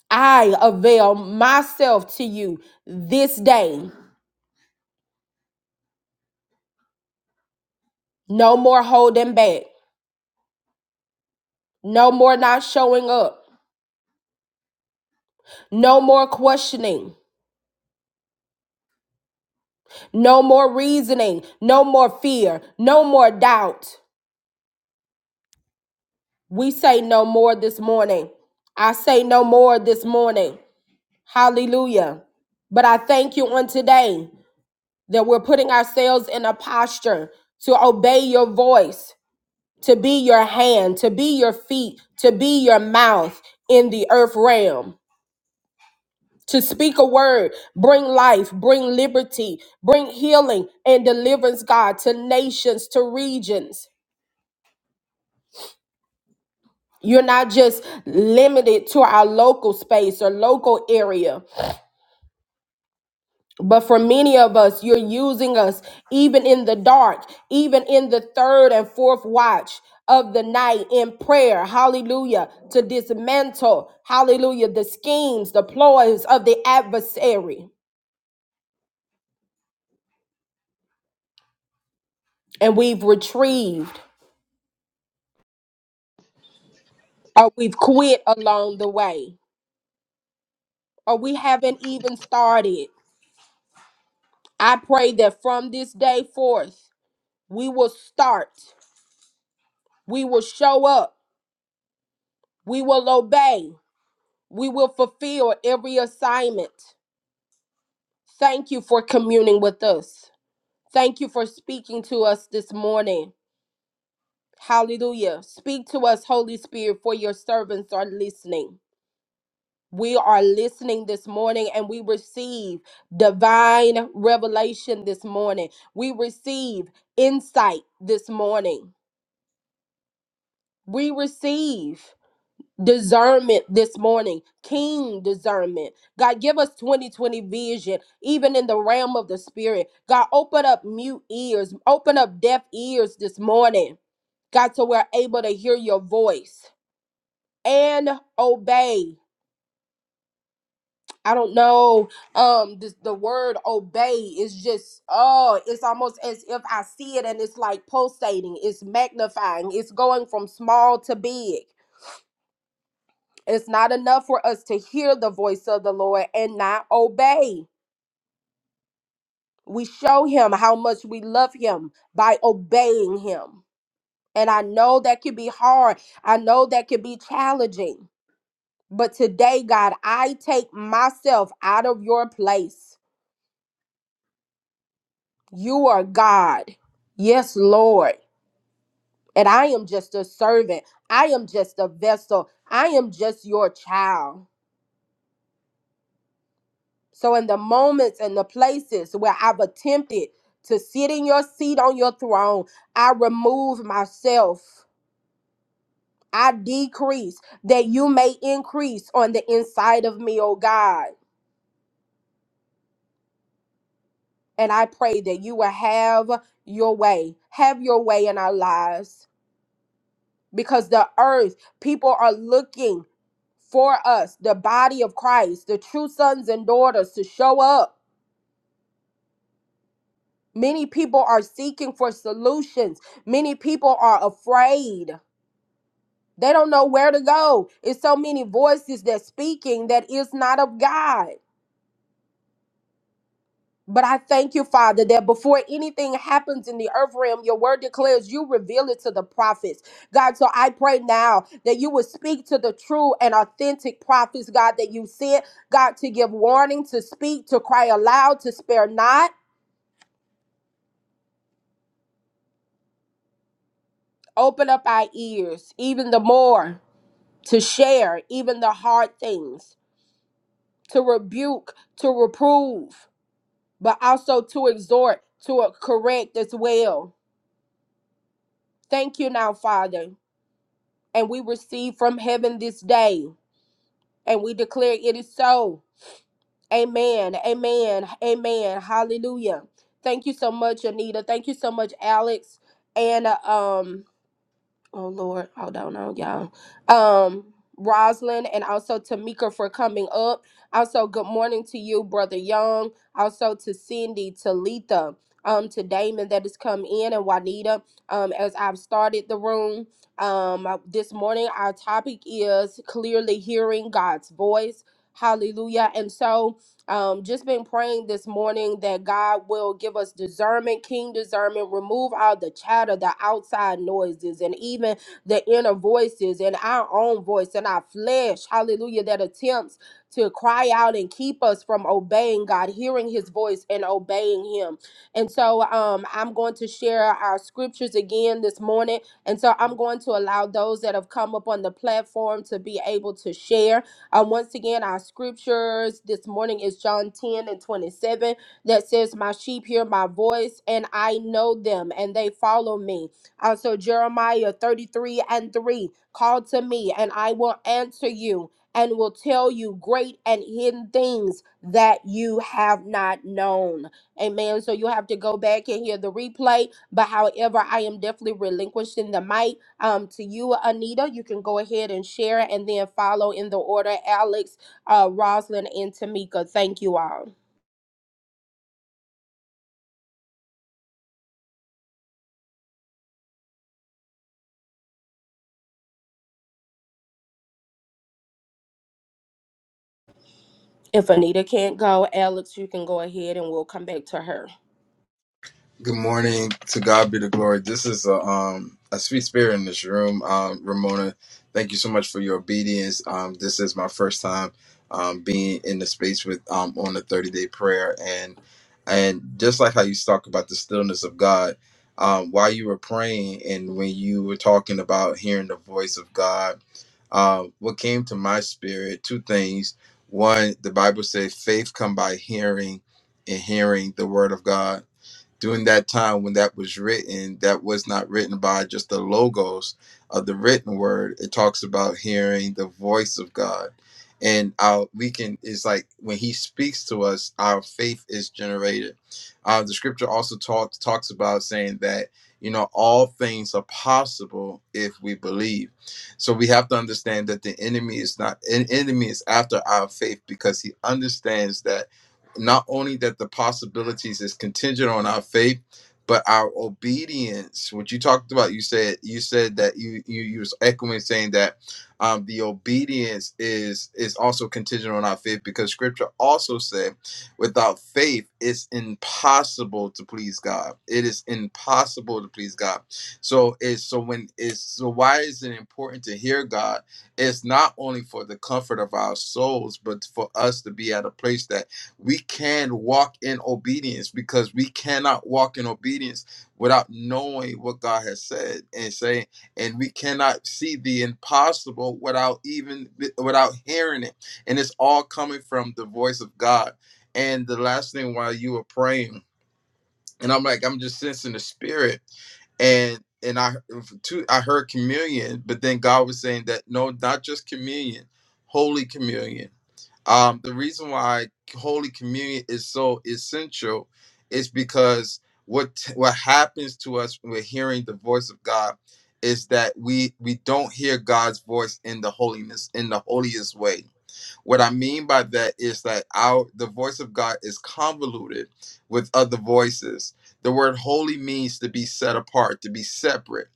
Speaker 1: I avail myself to you this day. No more holding back. No more not showing up. No more questioning. No more reasoning. No more fear. No more doubt. We say no more this morning. I say no more this morning. Hallelujah. But I thank you on today that we're putting ourselves in a posture to obey your voice to be your hand, to be your feet, to be your mouth in the earth realm. To speak a word, bring life, bring liberty, bring healing and deliverance, God, to nations, to regions. You're not just limited to our local space or local area. But for many of us, you're using us even in the dark, even in the third and fourth watch of the night in prayer. Hallelujah. To dismantle, hallelujah, the schemes, the ploys of the adversary. And we've retrieved or we've quit along the way or we haven't even started. I pray that from this day forth, we will start, we will show up, we will obey, We will fulfill every assignment. Thank you for communing with us. Thank you for speaking to us this morning. Hallelujah. Speak to us, Holy Spirit, for your servants are listening. We are listening this morning and we receive divine revelation this morning. We receive insight this morning. We receive. discernment this morning, keen discernment. God, give us 2020 vision, even in the realm of the spirit. God, open up mute ears, open up deaf ears this morning. God, so we're able to hear your voice and obey. I don't know. Um, this, the word obey is just oh, it's almost as if I see it and it's like pulsating, it's magnifying, it's going from small to big. It's not enough for us to hear the voice of the Lord and not obey. We show him how much we love him by obeying him. And I know that could be hard. I know that could be challenging. But today, God, I take myself out of your place. You are God. Yes, Lord. And I am just a servant. I am just a vessel. I am just your child. So, in the moments and the places where I've attempted to sit in your seat on your throne, I remove myself. I decrease that you may increase on the inside of me, oh God. And I pray that you will have your way, have your way in our lives. Because the earth, people are looking for us, the body of Christ, the true sons and daughters to show up Many people are seeking for solutions. Many people are afraid. They don't know where to go. It's so many voices that speaking that is not of God. But I thank you, Father, that before anything happens in the earth realm, your word declares you reveal it to the prophets. God, so I pray now that you would speak to the true and authentic prophets, God, that you sent, God, to give warning, to speak, to cry aloud, to spare not. Open up our ears even the more to share even the hard things, to rebuke, to reprove, but also to exhort, to correct as well. Thank you now, Father. And we receive from heaven this day, and we declare it is so. Amen. Amen. Amen. Hallelujah. Thank you so much, Anita. Thank you so much, Alex. And uh, um, Oh Lord, I don't know y'all. Um, Roslyn and also Tamika for coming up. Also, good morning to you, brother Young. Also to Cindy, to Letha, um, to Damon that has come in and Juanita. Um, as I've started the room, um, I- this morning our topic is clearly hearing God's voice. Hallelujah. And so, um, just been praying this morning that God will give us discernment, keen discernment, remove all the chatter, the outside noises, and even the inner voices and our own voice and our flesh. Hallelujah. That attempts to cry out and keep us from obeying God, hearing his voice and obeying him. And so um, I'm going to share our scriptures again this morning. And so I'm going to allow those that have come up on the platform to be able to share. Um, once again, our scriptures this morning is John 10 and 27 that says, My sheep hear my voice, and I know them, and they follow me. Also, Jeremiah 33 and 3 Call to me, and I will answer you, and will tell you great and hidden things that you have not known. Amen. So you have to go back and hear the replay. But however, I am definitely relinquishing the mic um, to you, Anita. You can go ahead and share and then follow in the order Alex, uh, Roslyn, and Tamika. Thank you all. If Anita can't go, Alex, you can go ahead and we'll come back to her.
Speaker 2: Good morning. To God be the glory. This is a um a sweet spirit in this room. Um, Ramona, thank you so much for your obedience. Um, this is my first time um being in the space with um on the thirty day prayer and and just like how you talk about the stillness of God, um, while you were praying and when you were talking about hearing the voice of God, um, what came to my spirit two things. One, the Bible says faith come by hearing, and hearing the word of God during that time when that was written, that was not written by just the logos of the written word. It talks about hearing the voice of God. And our we can is like when he speaks to us, our faith is generated. Uh, the scripture also talks talks about saying that you know all things are possible if we believe. So we have to understand that the enemy is not an enemy is after our faith because he understands that not only that the possibilities is contingent on our faith but our obedience what you talked about you said you said that you you, you was echoing saying that um, the obedience is is also contingent on our faith because scripture also said without faith it's impossible to please god it is impossible to please god so it's so when it's so why is it important to hear god it's not only for the comfort of our souls but for us to be at a place that we can walk in obedience because we cannot walk in obedience without knowing what God has said and saying, and we cannot see the impossible without even without hearing it. And it's all coming from the voice of God. And the last thing while you were praying and I'm like, I'm just sensing the spirit. And and I too, I heard communion, but then God was saying that no, not just communion, holy communion. Um, the reason why holy communion is so essential is because what what happens to us when we're hearing the voice of God is that we we don't hear God's voice in the holiness in the holiest way what I mean by that is that our the voice of God is convoluted with other voices. The word holy means to be set apart, to be separate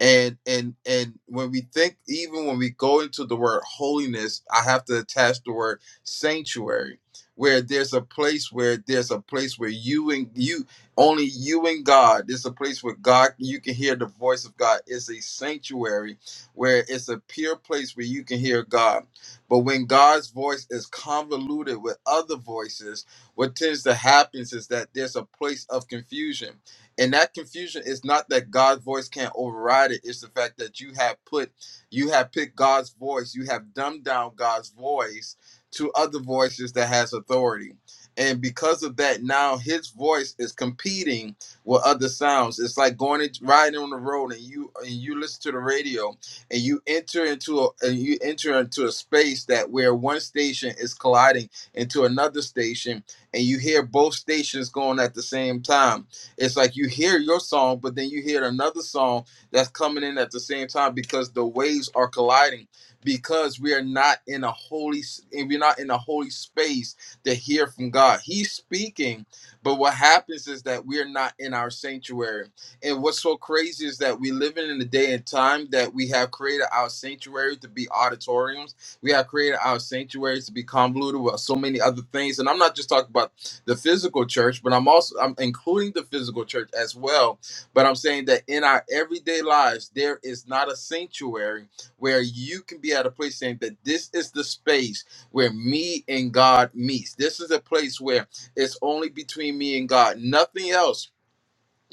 Speaker 2: and and and when we think even when we go into the word holiness i have to attach the word sanctuary where there's a place where there's a place where you and you only you and god there's a place where god you can hear the voice of god it's a sanctuary where it's a pure place where you can hear god but when god's voice is convoluted with other voices what tends to happen is that there's a place of confusion and that confusion is not that god's voice can't override it it's the fact that you have put you have picked god's voice you have dumbed down god's voice to other voices that has authority and because of that now his voice is competing with other sounds it's like going and riding on the road and you and you listen to the radio and you enter into a and you enter into a space that where one station is colliding into another station and you hear both stations going at the same time it's like you hear your song, but then you hear another song that's coming in at the same time because the waves are colliding. Because we are not in a holy, we're not in a holy space to hear from God. He's speaking, but what happens is that we are not in our sanctuary. And what's so crazy is that we live in a day and time that we have created our sanctuary to be auditoriums. We have created our sanctuaries to be convoluted with so many other things. And I'm not just talking about the physical church, but I'm also I'm including the physical church as well. But I'm saying that in our everyday lives, there is not a sanctuary where you can be at a place saying that this is the space where me and God meets. This is a place where it's only between me and God, nothing else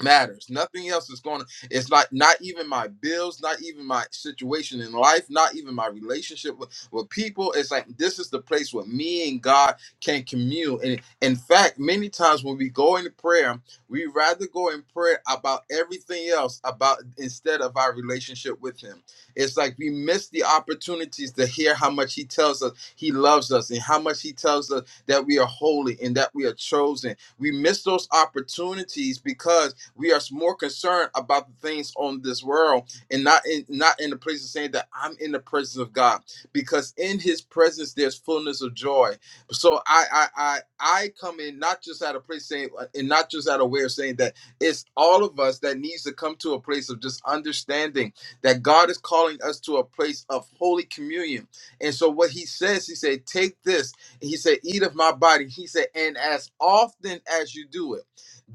Speaker 2: matters. Nothing else is going to, it's like not even my bills, not even my situation in life, not even my relationship with, with people. It's like this is the place where me and God can commune. And in fact, many times when we go into prayer, we rather go in prayer about everything else about instead of our relationship with him. It's like we miss the opportunities to hear how much he tells us he loves us and how much he tells us that we are holy and that we are chosen. We miss those opportunities because we are more concerned about the things on this world and not in not in the place of saying that I'm in the presence of God because in His presence there's fullness of joy. So I I I, I come in not just at a place saying uh, and not just out of way of saying that it's all of us that needs to come to a place of just understanding that God is calling us to a place of holy communion. And so what He says, He said, take this. And he said, eat of my body. He said, and as often as you do it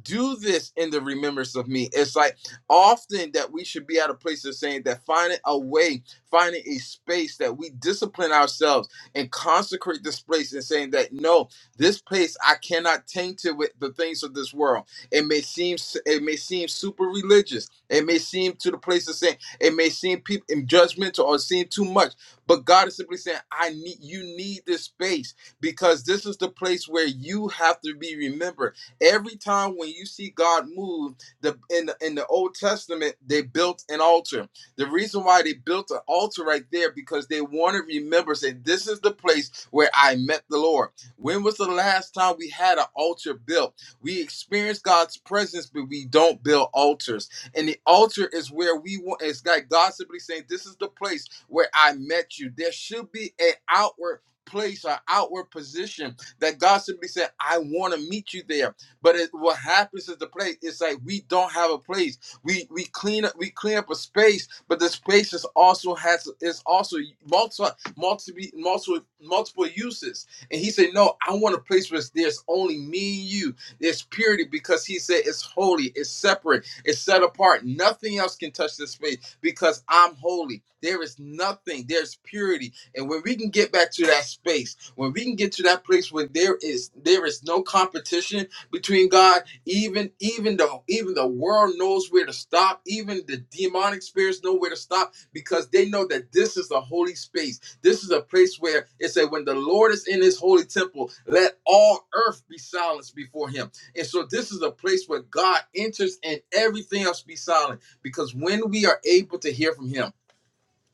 Speaker 2: do this in the remembrance of me. It's like often that we should be at a place of saying that finding a way, finding a space that we discipline ourselves and consecrate this place and saying that no, this place I cannot taint it with the things of this world. It may seem it may seem super religious. It may seem to the place of saying it may seem people judgmental or seem too much. But God is simply saying, I need you need this space because this is the place where you have to be remembered Every time when you see God move, the in the in the Old Testament, they built an altar. The reason why they built an altar right there because they want to remember, say, this is the place where I met the Lord. When was the last time we had an altar built? We experience God's presence, but we don't build altars. And the altar is where we want it's like God simply saying, This is the place where I met you. There should be an outward place an outward position that God simply said, I want to meet you there. But it, what happens is the place. It's like we don't have a place. We we clean up we clean up a space, but the space is also has is also multiple multiple multiple multiple uses. And he said, no, I want a place where there's only me and you. There's purity because he said it's holy, it's separate, it's set apart. Nothing else can touch this space because I'm holy. There is nothing. There's purity, and when we can get back to that space, when we can get to that place where there is there is no competition between God. Even even the even the world knows where to stop. Even the demonic spirits know where to stop because they know that this is a holy space. This is a place where it said, when the Lord is in his holy temple, let all earth be silenced before him. And so this is a place where God enters and everything else be silent. Because when we are able to hear from him,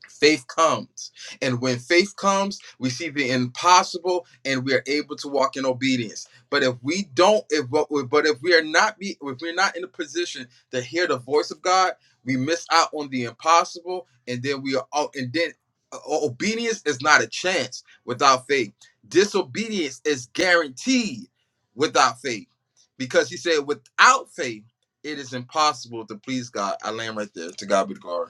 Speaker 2: faith comes and when faith comes we see the impossible and we are able to walk in obedience but if we don't if but if we are not be if we're not in a position to hear the voice of god we miss out on the impossible and then we are out and then uh, obedience is not a chance without faith disobedience is guaranteed without faith because he said without faith it is impossible to please god i land right there to god be the glory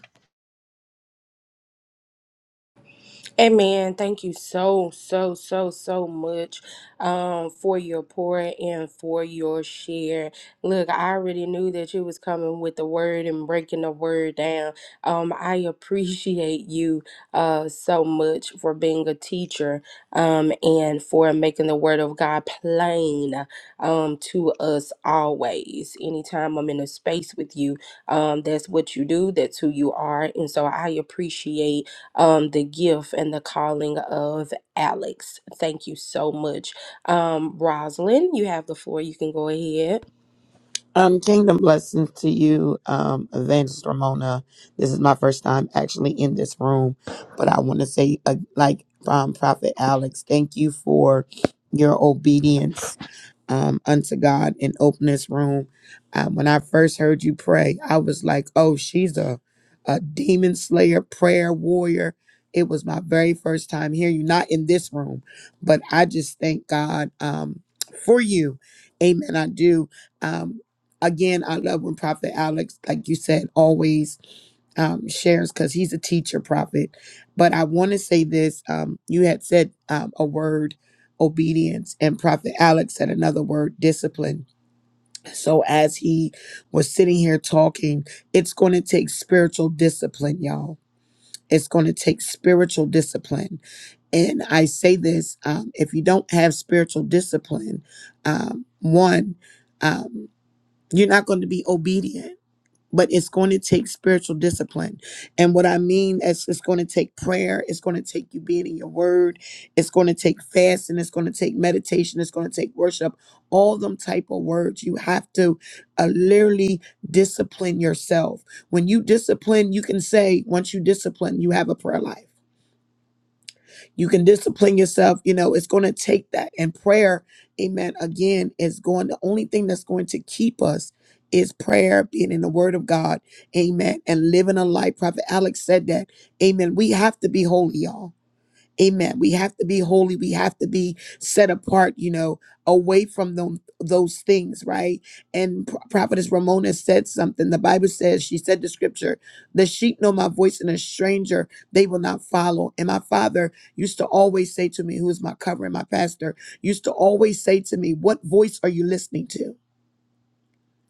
Speaker 1: Amen. Thank you so, so, so, so much um, for your pour and for your share. Look, I already knew that you was coming with the word and breaking the word down. Um, I appreciate you uh, so much for being a teacher um, and for making the word of God plain um, to us always. Anytime I'm in a space with you, um, that's what you do. That's who you are. And so I appreciate um, the gift and the calling of Alex. Thank you so much. Um, Rosalind, you have the floor. You can go ahead.
Speaker 3: Um, kingdom blessings to you, um, Evangelist Ramona. This is my first time actually in this room, but I want to say, uh, like from Prophet Alex, thank you for your obedience um, unto God and open this room. Uh, when I first heard you pray, I was like, oh, she's a, a demon slayer, prayer warrior. It was my very first time hearing you, not in this room, but I just thank God um, for you. Amen. I do. Um, again, I love when Prophet Alex, like you said, always um, shares because he's a teacher prophet. But I want to say this: um, you had said um, a word, obedience, and Prophet Alex said another word, discipline. So as he was sitting here talking, it's going to take spiritual discipline, y'all. It's going to take spiritual discipline. And I say this um, if you don't have spiritual discipline, um, one, um, you're not going to be obedient but it's going to take spiritual discipline. And what I mean is it's going to take prayer, it's going to take you being in your word, it's going to take fasting, it's going to take meditation, it's going to take worship, all them type of words. You have to uh, literally discipline yourself. When you discipline, you can say once you discipline, you have a prayer life. You can discipline yourself. You know, it's going to take that. And prayer, amen, again, is going, the only thing that's going to keep us is prayer, being in the word of God, amen, and living a life. Prophet Alex said that, amen. We have to be holy, y'all. Amen. We have to be holy. We have to be set apart, you know, away from them, those things, right? And Pro- Prophetess Ramona said something. The Bible says, she said the scripture, the sheep know my voice and a stranger they will not follow. And my father used to always say to me, who is my covering, my pastor, used to always say to me, what voice are you listening to?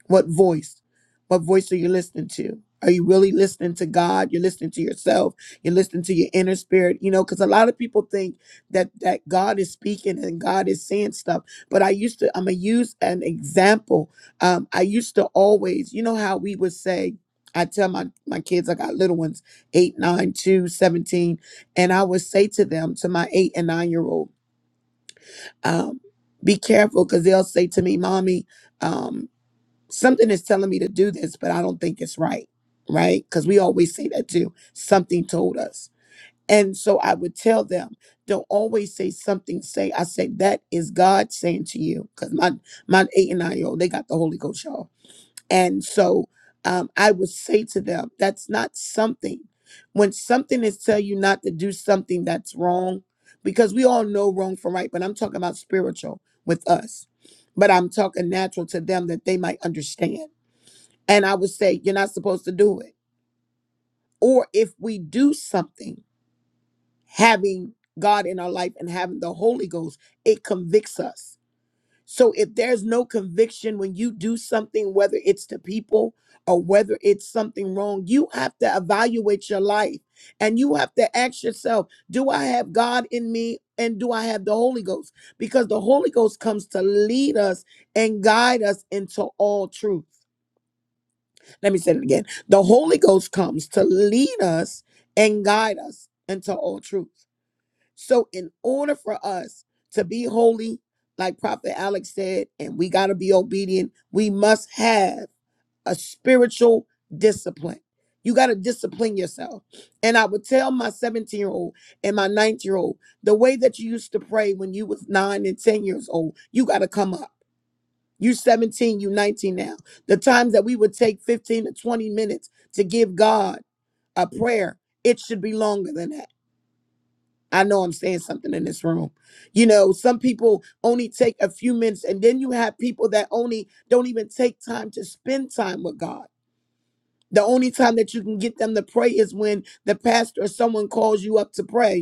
Speaker 3: What voice? What voice are you listening to? Are you really listening to God? You're listening to yourself. You're listening to your inner spirit. You know, because a lot of people think that that God is speaking and God is saying stuff. But I used to, I'm gonna use an example. Um, I used to always, you know, how we would say, I tell my my kids, I got little ones, eight, nine, two, seventeen, and I would say to them, to my eight and nine year old, um, be careful, because they'll say to me, "Mommy." Um, something is telling me to do this, but I don't think it's right, right? Because we always say that too. Something told us. And so I would tell them, don't always say something. Say, I say, that is God saying to you. Because my, my eight and nine year old, they got the Holy Ghost, y'all. And so um, I would say to them, that's not something. When something is tell you not to do something that's wrong, because we all know wrong from right, but I'm talking about spiritual with us. But I'm talking natural to them that they might understand and I would say, you're not supposed to do it. Or if we do something, having God in our life and having the Holy Ghost, it convicts us. So if there's no conviction when you do something, whether it's to people or whether it's something wrong, you have to evaluate your life and you have to ask yourself, do I have God in me and do I have the Holy Ghost? Because the Holy Ghost comes to lead us and guide us into all truth. Let me say it again. The Holy Ghost comes to lead us and guide us into all truth. So, in order for us to be holy, like Prophet Alex said, and we got to be obedient, we must have a spiritual discipline. You got to discipline yourself. And I would tell my 17 year old and my 19 year old the way that you used to pray when you was nine and 10 years old, you got to come up. You 17, you 19 now. The times that we would take 15 to 20 minutes to give God a prayer, it should be longer than that. I know I'm saying something in this room. You know, some people only take a few minutes, and then you have people that only don't even take time to spend time with God. The only time that you can get them to pray is when the pastor or someone calls you up to pray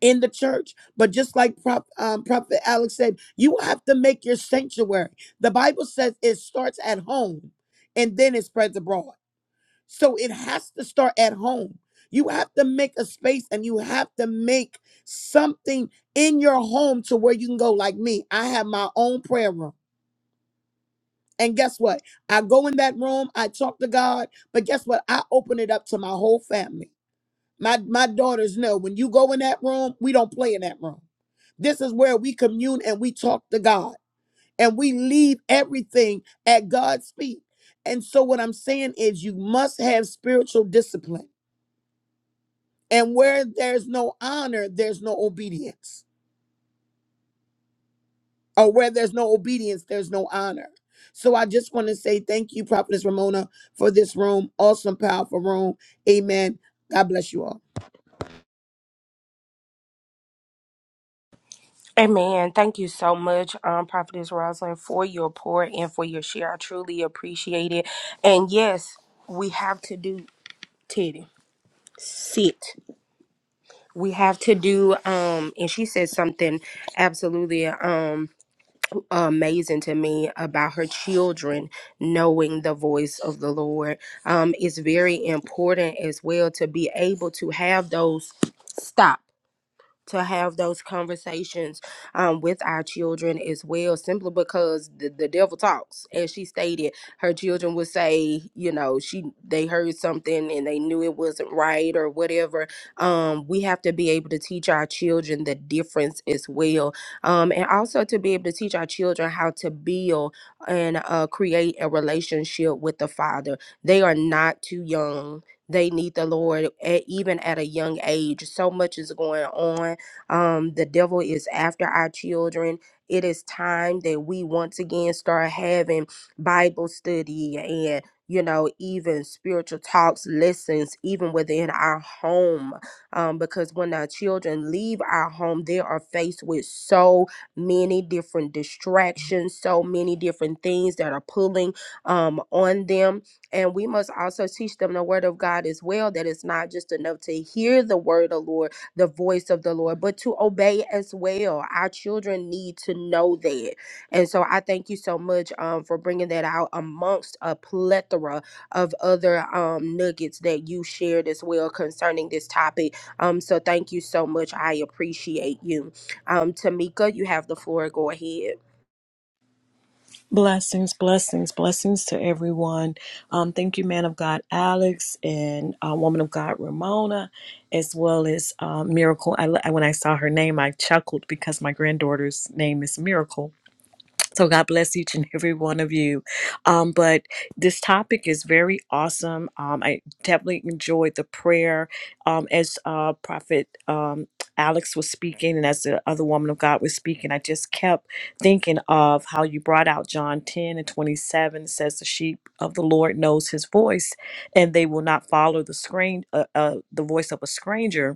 Speaker 3: in the church. But just like Prop, um, Prophet Alex said, you have to make your sanctuary. The Bible says it starts at home and then it spreads abroad. So it has to start at home. You have to make a space and you have to make something in your home to where you can go. Like me, I have my own prayer room. And guess what? I go in that room, I talk to God, but guess what? I open it up to my whole family. My my daughters know when you go in that room, we don't play in that room. This is where we commune and we talk to God and we leave everything at God's feet. And so what I'm saying is you must have spiritual discipline. And where there's no honor, there's no obedience. Or where there's no obedience, there's no honor. So I just want to say thank you, Prophetess Ramona, for this room. Awesome, powerful room. Amen. God bless you all.
Speaker 1: Amen. Thank you so much, um, Prophetess Rosalind, for your pour and for your share. I truly appreciate it. And yes, we have to do Teddy sit. We have to do um, and she said something absolutely. Um, amazing to me about her children knowing the voice of the Lord. Um, it's very important as well to be able to have those stop to have those conversations um, with our children as well, simply because the, the devil talks. As she stated, her children would say, you know, she they heard something and they knew it wasn't right or whatever. Um, we have to be able to teach our children the difference as well, um, and also to be able to teach our children how to build and uh, create a relationship with the Father. They are not too young they need the Lord at, even at a young age. So much is going on um, the devil is after our children. It is time that we once again start having Bible study and you know even spiritual talks lessons even within our home um, because when our children leave our home they are faced with so many different distractions so many different things that are pulling um, on them and we must also teach them the word of God as well, that it's not just enough to hear the word of Lord, the voice of the Lord, but to obey as well. Our children need to know that. And so I thank you so much um, for bringing that out amongst a plethora of other um, nuggets that you shared as well concerning this topic. Um, so thank you so much. I appreciate you. Um, Tamika, you have the floor. Go ahead.
Speaker 4: Blessings, blessings, blessings to everyone. Um, thank you, man of God, Alex, and uh, woman of God, Ramona, as well as uh, Miracle. I, when I saw her name, I chuckled because my granddaughter's name is Miracle. So God bless each and every one of you. Um, but this topic is very awesome. Um, I definitely enjoyed the prayer um, as uh, Prophet um, Alex was speaking, and as the other woman of God was speaking. I just kept thinking of how you brought out John ten and twenty seven says the sheep of the Lord knows His voice, and they will not follow the screen uh, uh, the voice of a stranger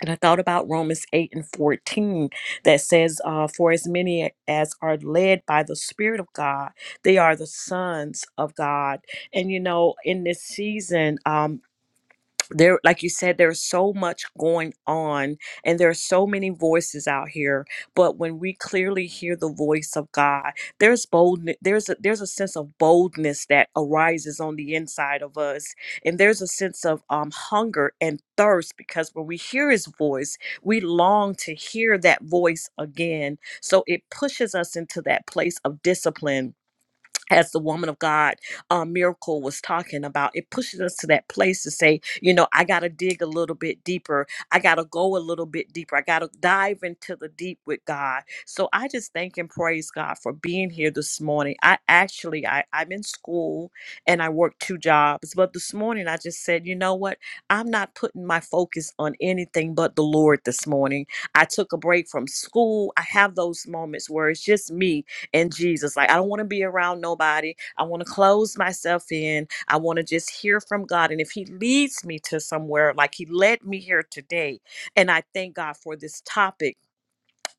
Speaker 4: and I thought about Romans 8 and 14 that says, uh, For as many as are led by the Spirit of God, they are the sons of God. And you know, in this season, um, there like you said there's so much going on and there are so many voices out here but when we clearly hear the voice of god there's boldness there's a there's a sense of boldness that arises on the inside of us and there's a sense of um hunger and thirst because when we hear his voice we long to hear that voice again so it pushes us into that place of discipline as the woman of God uh, miracle was talking about, it pushes us to that place to say, you know, I got to dig a little bit deeper. I got to go a little bit deeper. I got to dive into the deep with God. So I just thank and praise God for being here this morning. I actually, I, I'm in school and I work two jobs, but this morning I just said, you know what? I'm not putting my focus on anything but the Lord this morning. I took a break from school. I have those moments where it's just me and Jesus. Like, I don't want to be around nobody. I want to close myself in. I want to just hear from God. And if He leads me to somewhere, like He led me here today, and I thank God for this topic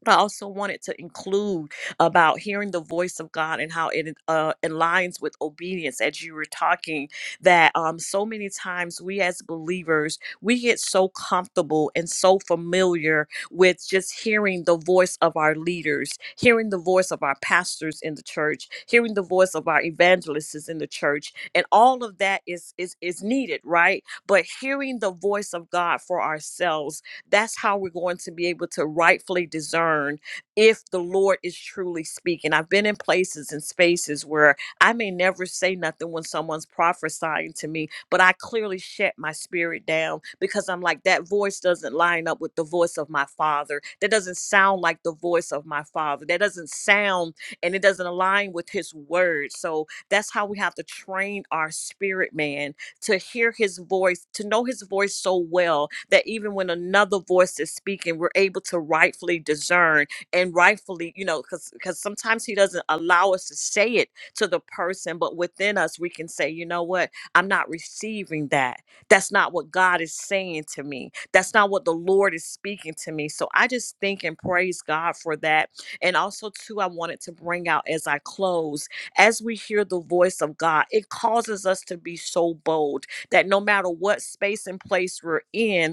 Speaker 4: but I also wanted to include about hearing the voice of God and how it uh, aligns with obedience. As you were talking, that um, so many times we as believers we get so comfortable and so familiar with just hearing the voice of our leaders, hearing the voice of our pastors in the church, hearing the voice of our evangelists in the church, and all of that is is is needed, right? But hearing the voice of God for ourselves that's how we're going to be able to rightfully discern if the Lord is truly speaking. I've been in places and spaces where I may never say nothing when someone's prophesying to me, but I clearly shut my spirit down because I'm like, that voice doesn't line up with the voice of my father. That doesn't sound like the voice of my father. That doesn't sound and it doesn't align with his word. So that's how we have to train our spirit man to hear his voice, to know his voice so well that even when another voice is speaking, we're able to rightfully discern and rightfully, you know, because because sometimes he doesn't allow us to say it to the person, but within us we can say, you know what, I'm not receiving that. That's not what God is saying to me. That's not what the Lord is speaking to me. So I just think and praise God for that. And also, too, I wanted to bring out as I close as we hear the voice of God, it causes us to be so bold that no matter what space and place we're in,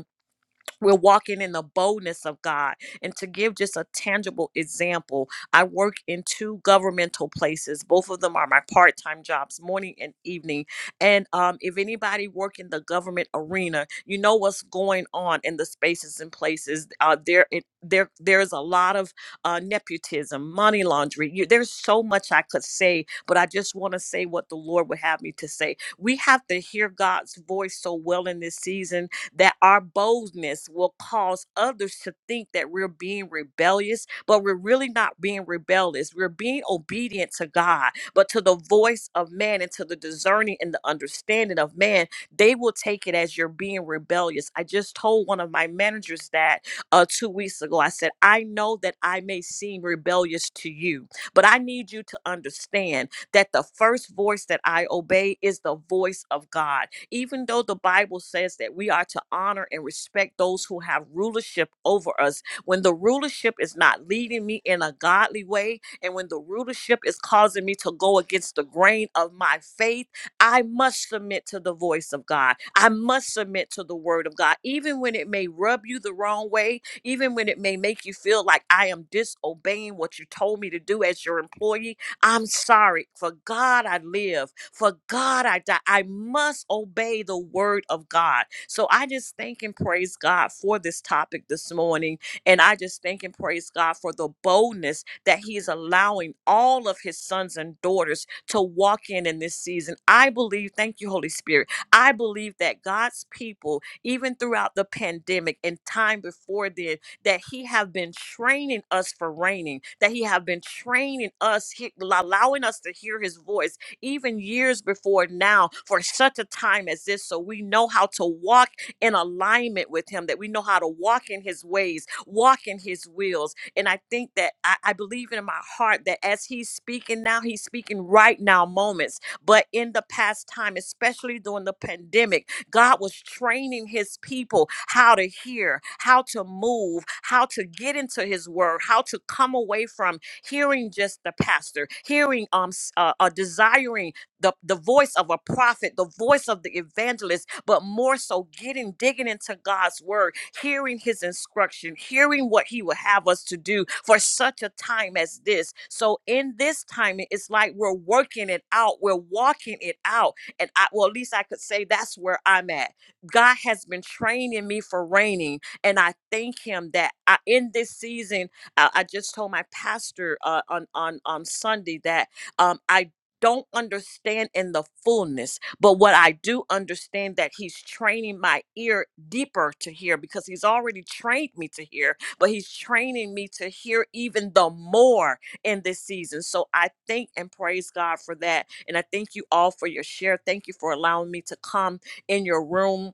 Speaker 4: we're walking in the boldness of God. And to give just a tangible example, I work in two governmental places. Both of them are my part time jobs, morning and evening. And um, if anybody work in the government arena, you know what's going on in the spaces and places. Uh, there, it, there, there's a lot of uh, nepotism, money laundering. You, there's so much I could say, but I just want to say what the Lord would have me to say. We have to hear God's voice so well in this season that our boldness will cause others to think that we're being rebellious, but we're really not being rebellious. We're being obedient to God, but to the voice of man and to the discerning and the understanding of man, they will take it as you're being rebellious. I just told one of my managers that uh, two weeks ago. I said, I know that I may seem rebellious to you, but I need you to understand that the first voice that I obey is the voice of God even though the Bible says that we are to honor and respect those who have rulership over us, when the rulership is not leading me in a godly way, and when the rulership is causing me to go against the grain of my faith, I must submit to the voice of God. I must submit to the word of God, even when it may rub you the wrong way, even when it may make you feel like I am disobeying what you told me to do as your employee I'm sorry. For God I live. For God I die. I must obey the word of God. So I just thank and praise God for this topic this morning. And I just thank and praise God for the boldness that He is allowing all of His sons and daughters to walk in in this season. I believe, thank you, Holy Spirit. I believe that God's people, even throughout the pandemic and time before then, that he have been training us for reigning, that he have been training us, he, allowing us to hear his voice even years before now for such a time as this. So we know how to walk in alignment with him, that we know how to walk in his ways, walk in his wills. And I think that I, I believe in my heart that as he's speaking now, he's speaking right now moments, but in the past time, especially during the pandemic, God was training his people how to hear, how to move, how to get into his word, how to come away from hearing just the pastor, hearing um s- uh, uh, desiring the, the voice of a prophet, the voice of the evangelist, but more so getting digging into God's word, hearing his instruction, hearing what he would have us to do for such a time as this. So in this time, it's like we're working it out, we're walking it out and I, well, at least I could say that's where I'm at. God has been training me for reigning, and I thank Him that I, in this season, I, I just told my pastor uh, on on on Sunday that um, I don't understand in the fullness but what i do understand that he's training my ear deeper to hear because he's already trained me to hear but he's training me to hear even the more in this season. So I thank and praise God for that. And I thank you all for your share. Thank you for allowing me to come in your room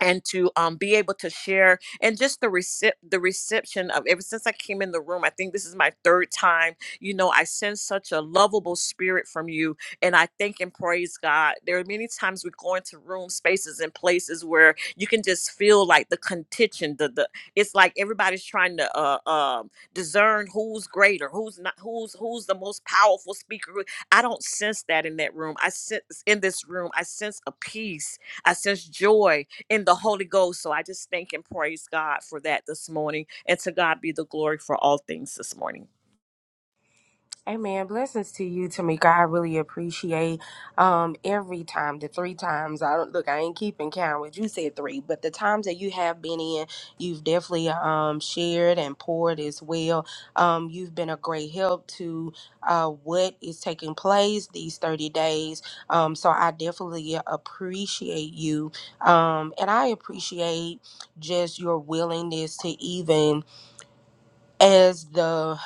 Speaker 4: and to um, be able to share and just the recep- the reception of ever since I came in the room. I think this is my third time. You know, I sense such a lovable spirit from you, and I thank and praise God. There are many times we go into rooms, spaces, and places where you can just feel like the contention. The the it's like everybody's trying to uh, um discern who's greater, who's not, who's who's the most powerful speaker. who- I don't sense that in that room. I sense in this room. I sense a peace. I sense joy in the Holy Ghost. So I just thank and praise God for that this morning. And to God be the glory for all things this morning.
Speaker 1: Amen. Blessings to you, Tamika. I really appreciate um every time, the three times. I don't look. I ain't keeping count. What you said three, but the times that you have been in, you've definitely um shared and poured as well. Um, you've been a great help to uh what is taking place these thirty days. Um, so I definitely appreciate you. Um, and I appreciate just your willingness to even as the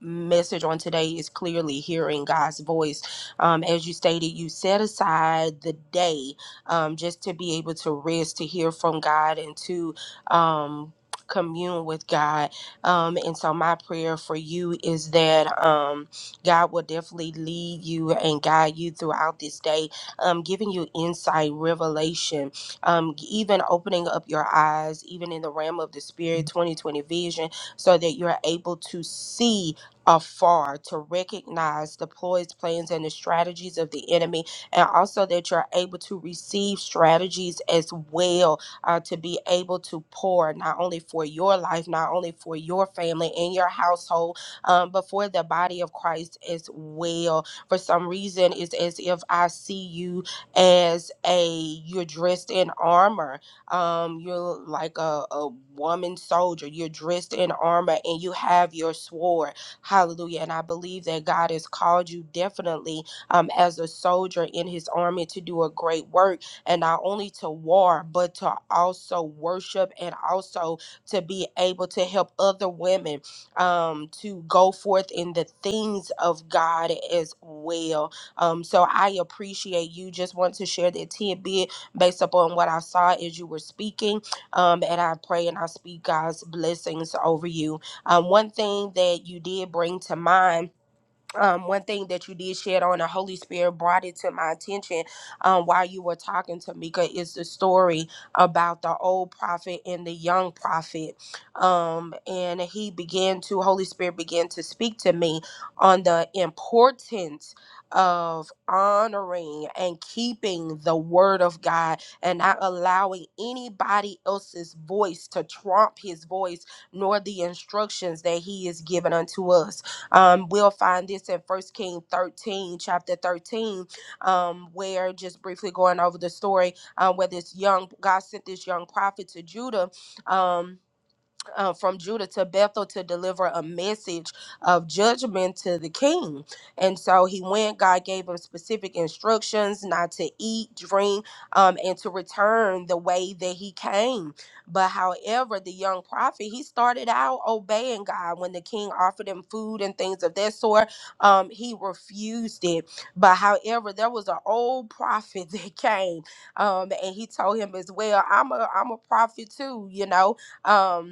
Speaker 1: message on today is clearly hearing God's voice. Um, as you stated, you set aside the day um, just to be able to rest, to hear from God, and to um, commune with God. Um, and so, my prayer for you is that um, God will definitely lead you and guide you throughout this day, um, giving you insight, revelation, um, even opening up your eyes, even in the realm of the spirit, 2020 vision so that you're able to see afar, to recognize the ploys, plans, and the strategies of the enemy, and also that you're able to receive strategies as well uh, to be able to pour not only for your life, not only for your family and your household, um, but for the body of Christ as well. For some reason, it's as if I see you as a you're dressed in armor um you're like a, a woman soldier you're dressed in armor and you have your sword hallelujah and i believe that god has called you definitely um as a soldier in his army to do a great work and not only to war but to also worship and also to be able to help other women um to go forth in the things of god as well um so i appreciate you just want to share that tidbit based upon what I saw as you were speaking. Um, and I pray and I speak God's blessings over you. Um, one thing that you did bring to mind um, one thing that you did shed on the Holy Spirit brought it to my attention um, while you were talking to Mika is the story about the old prophet and the young prophet. Um, and he began to, Holy Spirit began to speak to me on the importance of honoring and keeping the word of God and not allowing anybody else's voice to trump his voice nor the instructions that he is given unto us um, we'll find this in First King 13, chapter 13, um, where just briefly going over the story, uh, where this young God sent this young prophet to Judah. Um, uh, from Judah to Bethel to deliver a message of judgment to the king. And so he went, God gave him specific instructions not to eat, drink, um, and to return the way that he came. But however, the young prophet, he started out obeying God when the king offered him food and things of that sort. Um, he refused it. But however, there was an old prophet that came um, and he told him as well, I'm a, I'm a prophet too, you know. Um,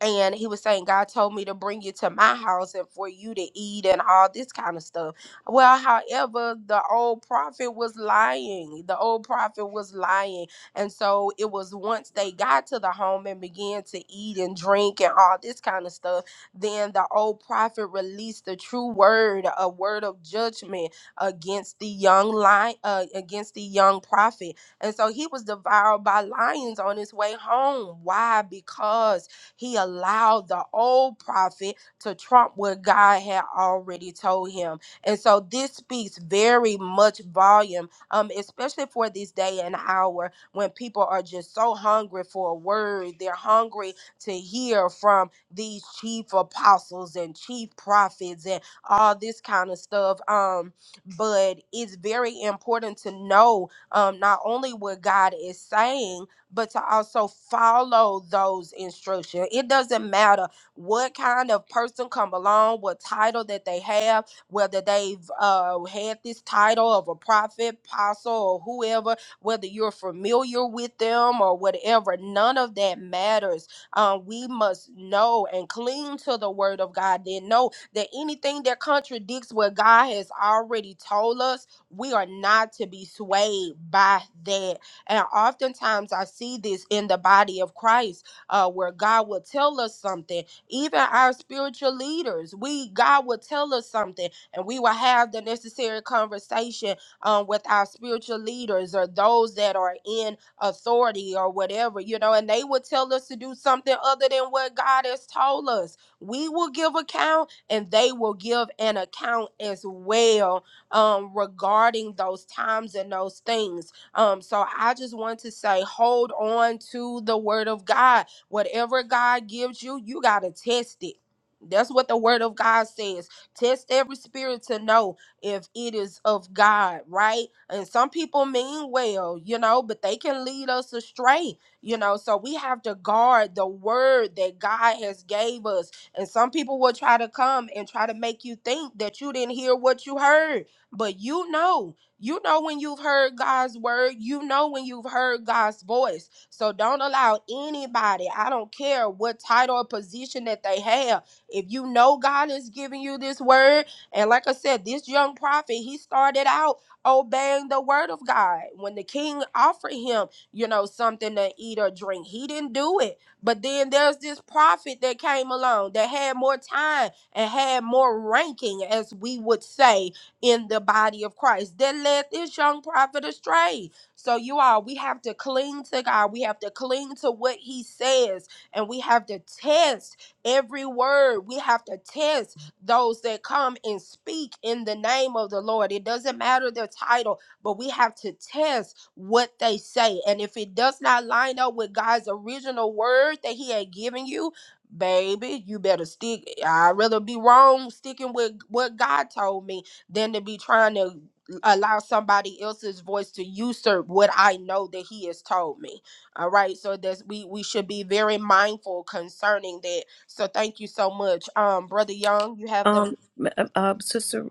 Speaker 1: and he was saying god told me to bring you to my house and for you to eat and all this kind of stuff well however the old prophet was lying the old prophet was lying and so it was once they got to the home and began to eat and drink and all this kind of stuff then the old prophet released the true word a word of judgment against the young lion uh, against the young prophet and so he was devoured by lions on his way home why because he allowed the old prophet to trump what God had already told him. And so this speaks very much volume, um, especially for this day and hour when people are just so hungry for a word. They're hungry to hear from these chief apostles and chief prophets and all this kind of stuff. Um, but it's very important to know um, not only what God is saying, but to also follow those instructions. It doesn't matter what kind of person come along, what title that they have, whether they've uh, had this title of a prophet, apostle, or whoever, whether you're familiar with them or whatever, none of that matters. Um, we must know and cling to the word of God. Then know that anything that contradicts what God has already told us, we are not to be swayed by that and oftentimes I see this in the body of Christ, uh, where God will tell us something. Even our spiritual leaders, we God will tell us something, and we will have the necessary conversation um, with our spiritual leaders or those that are in authority or whatever, you know, and they will tell us to do something other than what God has told us. We will give account and they will give an account as well um, regarding those times and those things um, so I just want to say, hold on to the word of God. Whatever God gives you, you gotta test it. That's what the word of God says. Test every spirit to know if it is of God, right? And some people mean well, you know, but they can lead us astray, you know. So we have to guard the word that God has gave us. And some people will try to come and try to make you think that you didn't hear what you heard, but you know you know when you've heard God's word, you know when you've heard God's voice. So don't allow anybody, I don't care what title or position that they have. If you know God is giving you this word, and like I said, this young prophet, he started out obeying the word of God. When the king offered him, you know, something to eat or drink, he didn't do it. But then there's this prophet that came along that had more time and had more ranking, as we would say in the body of Christ that led this young prophet astray. So, you all, we have to cling to God. We have to cling to what He says, and we have to test every word. We have to test those that come and speak in the name of the Lord. It doesn't matter their title, but we have to test what they say. And if it does not line up with God's original word that He had given you, baby, you better stick. I'd rather be wrong sticking with what God told me than to be trying to allow somebody else's voice to usurp what I know that he has told me. All right. So that's we we should be very mindful concerning that. So thank you so much. Um brother Young, you have the
Speaker 4: Um, uh, uh, um, Sister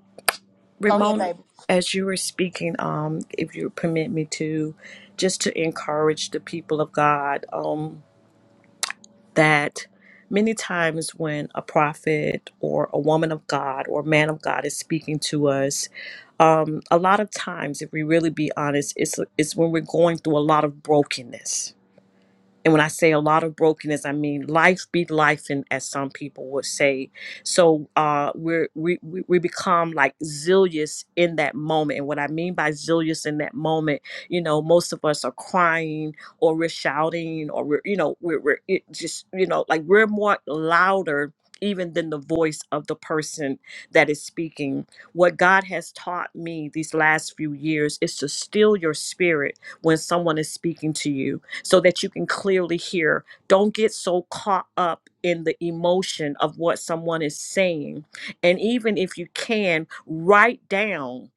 Speaker 1: go ahead,
Speaker 4: Ramona,
Speaker 1: baby.
Speaker 4: as you were speaking, um, if you permit me to, just to encourage the people of God, um, that many times when a prophet or a woman of God or man of God is speaking to us, um, a lot of times, if we really be honest, it's it's when we're going through a lot of brokenness And when I say a lot of brokenness, I mean life be life, and as some people would say. So uh, we're, we we we become like zealous in that moment. And what I mean by zealous in that moment, you know, most of us are crying or we're shouting or we're you know we're we're it just you know like we're more louder even than the voice of the person that is speaking. What God has taught me these last few years is to still your spirit when someone is speaking to you so that you can clearly hear. Don't get so caught up in the emotion of what someone is saying. And even if you can, write down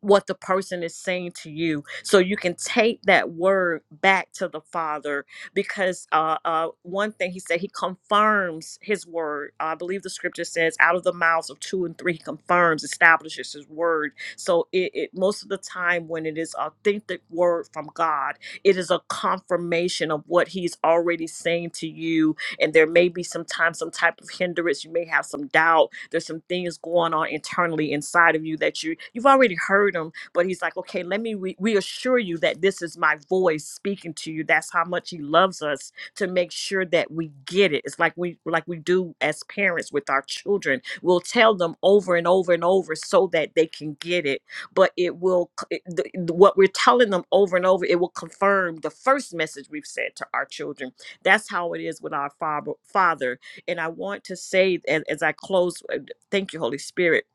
Speaker 4: what the person is saying to you so you can take that word back to the father because uh, uh one thing he said he confirms his word i believe the scripture says out of the mouths of two and three he confirms establishes his word so it, it most of the time when it is authentic word from god it is a confirmation of what he's already saying to you and there may be sometimes some type of hindrance. You may have some doubt. There's some things going on internally inside of you that you you've already heard them, but he's like, okay, let me re- reassure you that this is my voice speaking to you. That's how much he loves us to make sure that we get it. It's like we like we do as parents with our children. We'll tell them over and over and over so that they can get it but it will c- it, the, the- what we're telling them over and over it will confirm the first message we've said to our children that's how it is with our father father and i want to say as, as i close uh, thank you holy spirit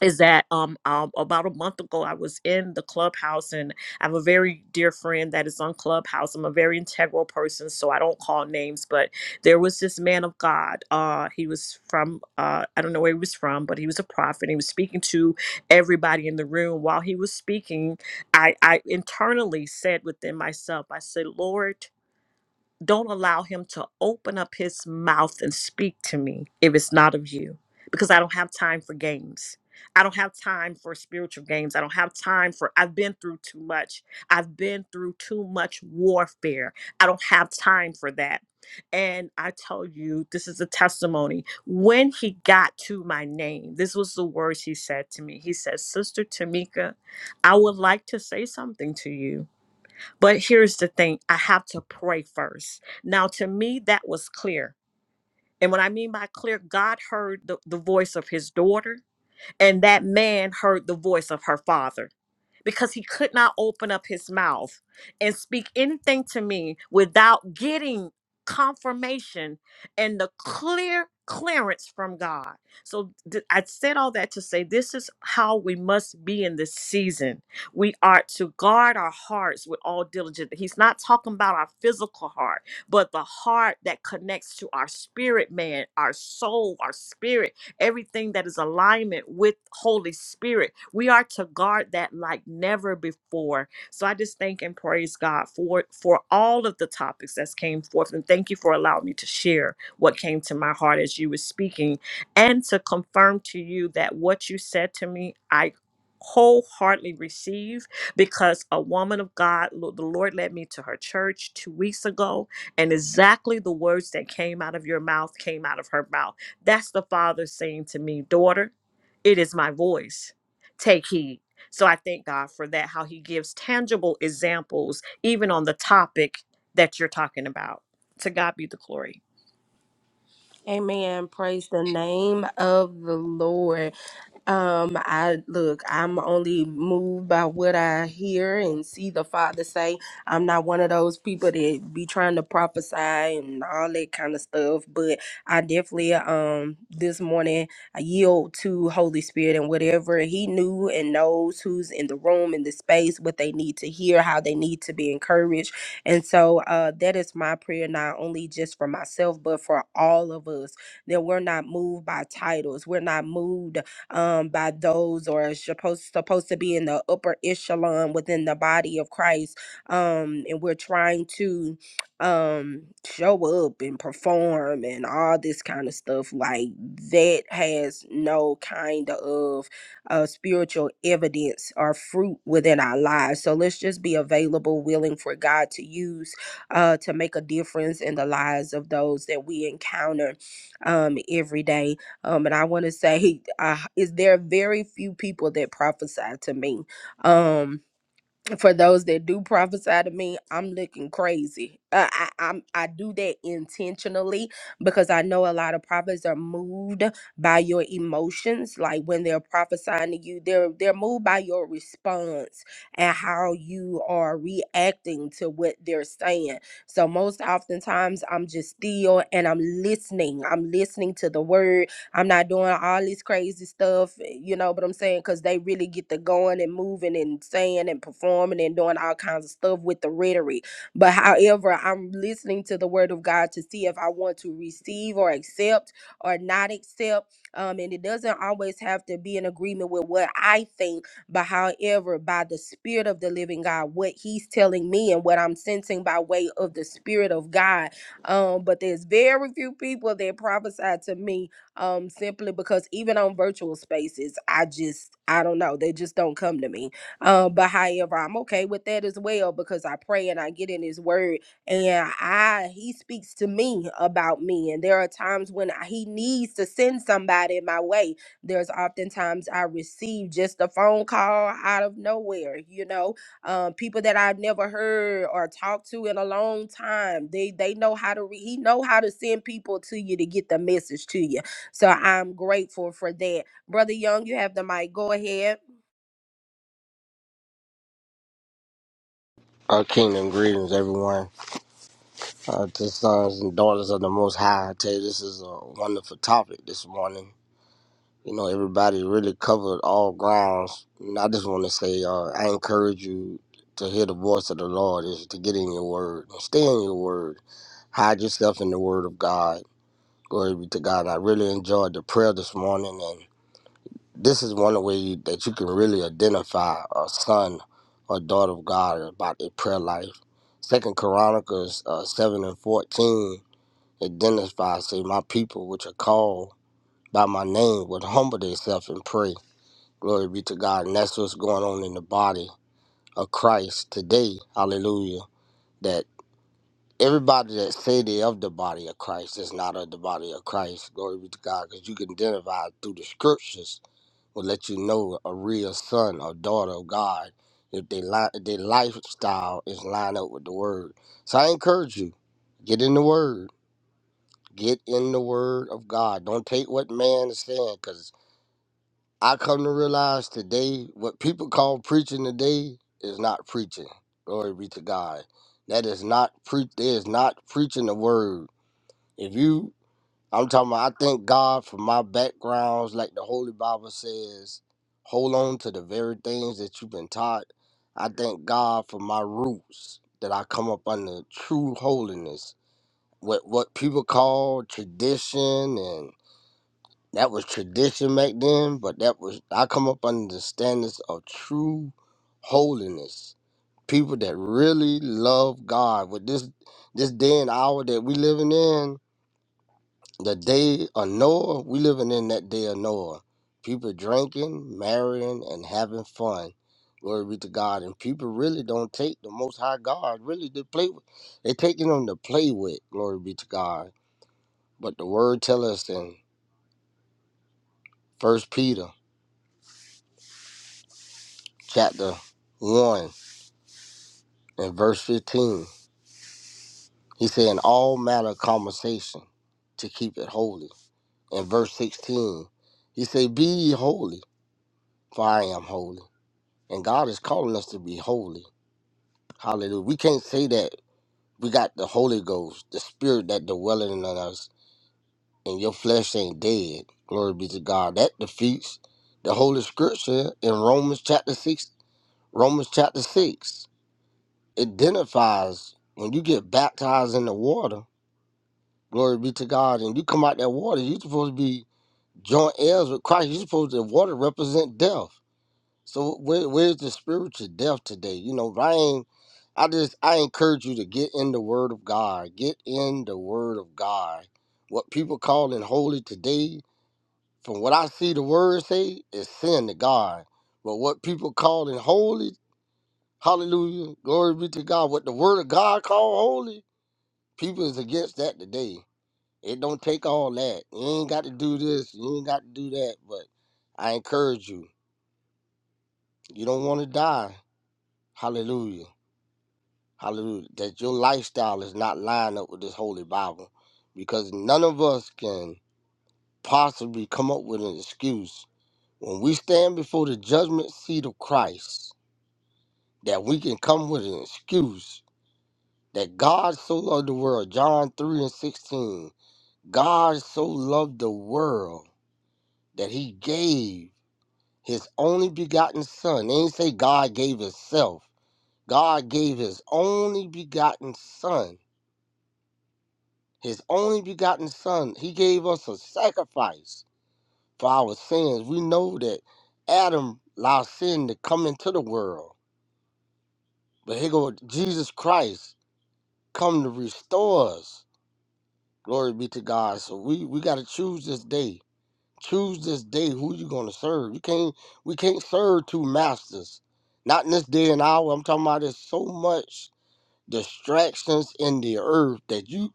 Speaker 4: is that um, um about a month ago i was in the clubhouse and i have a very dear friend that is on clubhouse i'm a very integral person so i don't call names but there was this man of god uh he was from uh i don't know where he was from but he was a prophet he was speaking to everybody in the room while he was speaking i i internally said within myself i said lord don't allow him to open up his mouth and speak to me if it's not of you because i don't have time for games i don't have time for spiritual games i don't have time for i've been through too much i've been through too much warfare i don't have time for that and i tell you this is a testimony when he got to my name this was the words he said to me he said sister tamika i would like to say something to you but here's the thing I have to pray first. Now, to me, that was clear. And what I mean by clear, God heard the, the voice of his daughter, and that man heard the voice of her father because he could not open up his mouth and speak anything to me without getting confirmation and the clear clearance from God. So th- I said all that to say this is how we must be in this season. We are to guard our hearts with all diligence. He's not talking about our physical heart, but the heart that connects to our spirit man, our soul, our spirit everything that is alignment with Holy Spirit. We are to guard that like never before. So I just thank and praise God for for all of the topics that came forth. And thank you for allowing me to share what came to my heart as you were speaking and to confirm to you that what you said to me, I wholeheartedly receive because a woman of God, lo- the Lord led me to her church two weeks ago, and exactly the words that came out of your mouth came out of her mouth. That's the Father saying to me, Daughter, it is my voice. Take heed. So I thank God for that, how He gives tangible examples, even on the topic that you're talking about. To God be the glory.
Speaker 1: Amen. Praise the name of the Lord. Um, I look, I'm only moved by what I hear and see the father say. I'm not one of those people that be trying to prophesy and all that kind of stuff, but I definitely um this morning I yield to Holy Spirit and whatever he knew and knows who's in the room, in the space, what they need to hear, how they need to be encouraged. And so uh that is my prayer not only just for myself, but for all of us that we're not moved by titles. We're not moved um, by those or is supposed supposed to be in the upper echelon within the body of Christ. Um, and we're trying to um show up and perform and all this kind of stuff like that has no kind of uh spiritual evidence or fruit within our lives so let's just be available willing for god to use uh to make a difference in the lives of those that we encounter um every day um, and I want to say, uh, is there very few people that prophesy to me? Um, for those that do prophesy to me, I'm looking crazy. Uh, I I'm, I do that intentionally because I know a lot of prophets are moved by your emotions. Like when they're prophesying to you, they're they're moved by your response and how you are reacting to what they're saying. So most oftentimes, I'm just still and I'm listening. I'm listening to the word I'm not doing all this crazy stuff, eh, you know, but I'm saying because they really get to going and moving and saying and performing and doing all kinds of stuff with the rhetoric. But however, I'm listening to the word of God to see if I want to receive or accept or not accept. Um, and it doesn't always have to be in agreement with what I think, but however, by the Spirit of the living God, what He's telling me and what I'm sensing by way of the Spirit of God. Um, but there's very few people that prophesy to me um simply because even on virtual spaces i just i don't know they just don't come to me um but however i'm okay with that as well because i pray and i get in his word and i he speaks to me about me and there are times when I- he needs to send somebody my way there's oftentimes i receive just a phone call out of nowhere you know um people that i've never heard or talked to in a long time they they know how to re- he know how to send people to you to get the message to you so I'm grateful for that. Brother Young, you have the mic. Go ahead.
Speaker 5: Our kingdom greetings, everyone. Uh, to sons and daughters of the Most High, I tell you, this is a wonderful topic this morning. You know, everybody really covered all grounds. And I just want to say, uh, I encourage you to hear the voice of the Lord, is to get in your word and stay in your word. Hide yourself in the word of God. Glory be to God. I really enjoyed the prayer this morning, this is one way you, that you can really identify a son or daughter of God about their prayer life. Second Chronicles uh, seven and fourteen identifies, say, my people which are called by my name would humble themselves and pray. Glory be to God. And that's what's going on in the body of Christ today. Hallelujah. That everybody that say they of the body of Christ is not of the body of Christ. Glory be to God, because you can identify through the scriptures will let you know a real son or daughter of God if they li- if their lifestyle is lined up with the word. So I encourage you, get in the word. Get in the word of God. Don't take what man is saying, because I come to realize today what people call preaching today is not preaching. Glory be to God. That is not pre there is not preaching the word if you, I'm talking about, I thank God for my backgrounds. Like the Holy Bible says, hold on to the very things that you've been taught. I thank God for my roots that I come up under true holiness. What what people call tradition and that was tradition back then, but that was I come up under the standards of true holiness. People that really love God. With this this day and hour that we living in, the day of Noah, we living in that day of Noah. People drinking, marrying, and having fun. Glory be to God. And people really don't take the Most High God really to play with. They taking them to play with. Glory be to God. But the Word tell us in First Peter chapter one and verse fifteen. He said, "In all matter of conversation, to keep it holy." In verse sixteen, he said, "Be ye holy, for I am holy." And God is calling us to be holy. Hallelujah. We can't say that we got the Holy Ghost, the Spirit that dwelling in us, and your flesh ain't dead. Glory be to God. That defeats the Holy Scripture in Romans chapter six. Romans chapter six identifies when you get baptized in the water. Glory be to God, and you come out that water. You're supposed to be joint heirs with Christ. You're supposed to. The water represent death. So where, where's the spiritual depth today? You know, I ain't, I just I encourage you to get in the Word of God. Get in the Word of God. What people calling holy today, from what I see, the Word say is sin to God. But what people calling holy, Hallelujah, glory be to God. What the Word of God call holy, people is against that today. It don't take all that. You ain't got to do this. You ain't got to do that. But I encourage you. You don't want to die. Hallelujah. Hallelujah. That your lifestyle is not lined up with this holy Bible. Because none of us can possibly come up with an excuse when we stand before the judgment seat of Christ that we can come with an excuse that God so loved the world. John 3 and 16. God so loved the world that he gave his only begotten son. They didn't say God gave himself. God gave his only begotten son his only begotten son. He gave us a sacrifice for our sins. We know that Adam allowed sin to come into the world, but here go Jesus Christ come to restore us. Glory be to God. So we we got to choose this day. Choose this day who you gonna serve. You can't we can't serve two masters. Not in this day and hour. I'm talking about there's so much distractions in the earth that you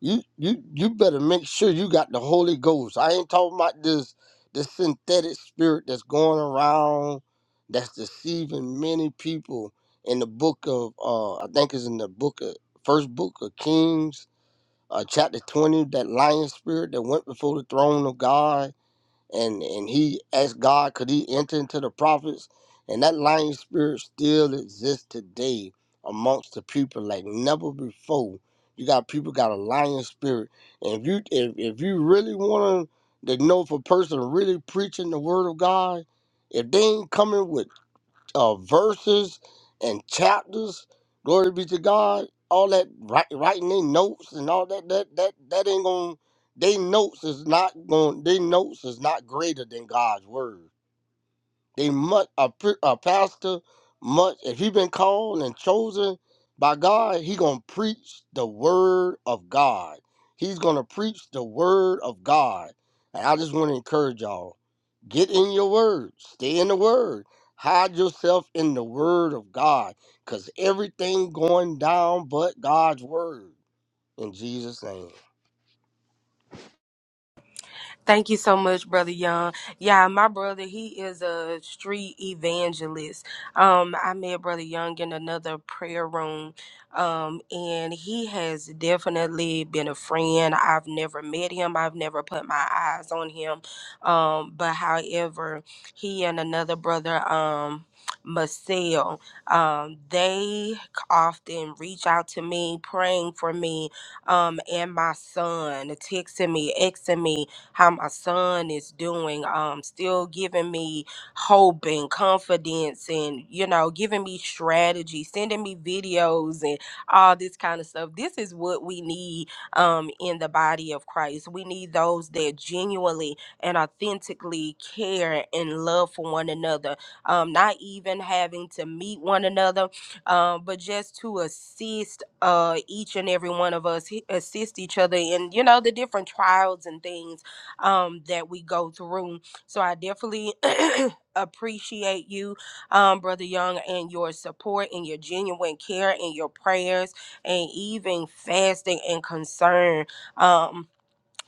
Speaker 5: you you you better make sure you got the Holy Ghost. I ain't talking about this this synthetic spirit that's going around that's deceiving many people in the book of uh I think it's in the book of first book of Kings, uh chapter twenty, that lion spirit that went before the throne of God and and he asked God, could he enter into the prophets? And that lying spirit still exists today amongst the people like never before. You got people got a lying spirit, and if you if, if you really want to know if a person really preaching the word of God, if they ain't coming with uh, verses and chapters. Glory be to God. All that write, writing their notes and all that that that that ain't going. to They notes is not going. They notes is not greater than God's word. They much a, pre- a pastor much if he been called and chosen by God, he gonna preach the word of God. He's gonna preach the word of God, and I just want to encourage y'all. Get in your word. Stay in the word. Hide yourself in the word of God. Because everything going down but God's word. In Jesus' name.
Speaker 1: Thank you so much, Brother Young. Yeah, my brother, he is a street evangelist. Um, I met Brother Young in another prayer room. Um, and he has definitely been a friend. I've never met him, I've never put my eyes on him. Um, but however, he and another brother, um, Marcel, um, they often reach out to me, praying for me, um, and my son, texting me, Xing me, how my son is doing, um, still giving me hope and confidence and, you know, giving me strategy, sending me videos and all this kind of stuff. This is what we need um, in the body of Christ. We need those that genuinely and authentically care and love for one another, um, not even having to meet one another, um, but just to assist uh, each and every one of us, he- assist each other in, you know, the different trials and things um, that we go through. So I definitely appreciate you, um, Brother Young, and your support and your genuine care and your prayers and even fasting and concern. Um,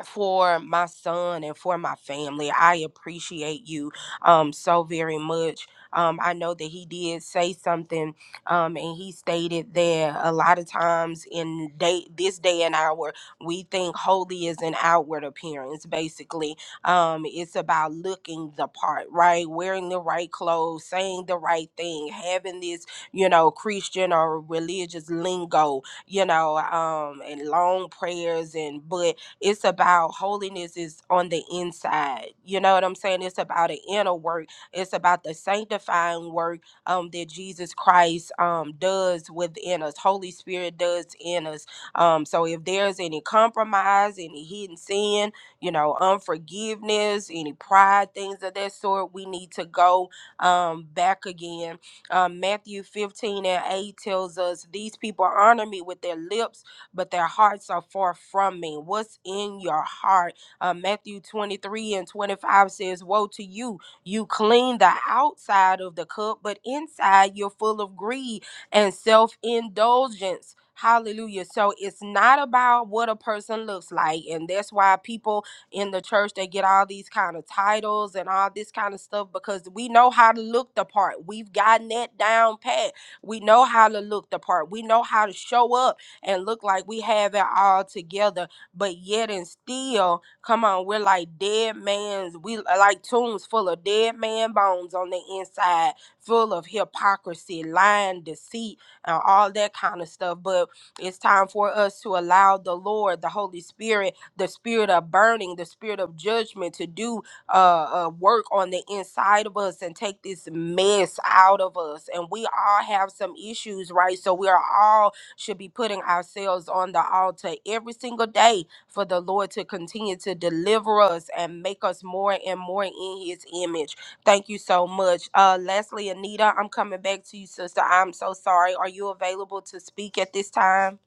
Speaker 1: for my son and for my family. I appreciate you um so very much. Um, I know that he did say something, um, and he stated that a lot of times in day this day and hour, we think holy is an outward appearance. Basically, um, it's about looking the part, right? Wearing the right clothes, saying the right thing, having this, you know, Christian or religious lingo, you know, um, and long prayers and but it's about holiness is on the inside. You know what I'm saying? It's about an inner work. It's about the sanctifying work um, that Jesus Christ um, does within us. Holy Spirit does in us. Um, so if there's any compromise, any hidden sin, you know, unforgiveness, any pride, things of that sort, we need to go um, back again um, Matthew 15 and 8 tells us, These people honor me with their lips but their hearts are far from me. What's in your heart? Uh, Matthew 23 and 25 says, Woe to you! You clean the outside of the cup, but inside you're full of greed and self indulgence. Hallelujah. So it's not about what a person looks like. And that's why people in the church they get all these kind of titles and all this kind of stuff because we know how to look the part. We've gotten that down pat. We know how to look the part. We know how to show up and look like we have it all together, but yet and still, come on, we're like dead man's, we are like tombs full of dead man bones on the inside, full of hypocrisy, lying, deceit, and all that kind of stuff. But it's time for us to allow the Lord, the Holy Spirit, the spirit of burning, the spirit of judgment to do uh, uh, work on the inside of us and take this mess out of us. And we all have some issues, right? So we are all should be putting ourselves on the altar every single day for the Lord to continue to deliver us and make us more and more in his image. Thank you so much. Uh Leslie Anita, I'm coming back to you, sister. I'm so sorry. Are you available to speak at this time?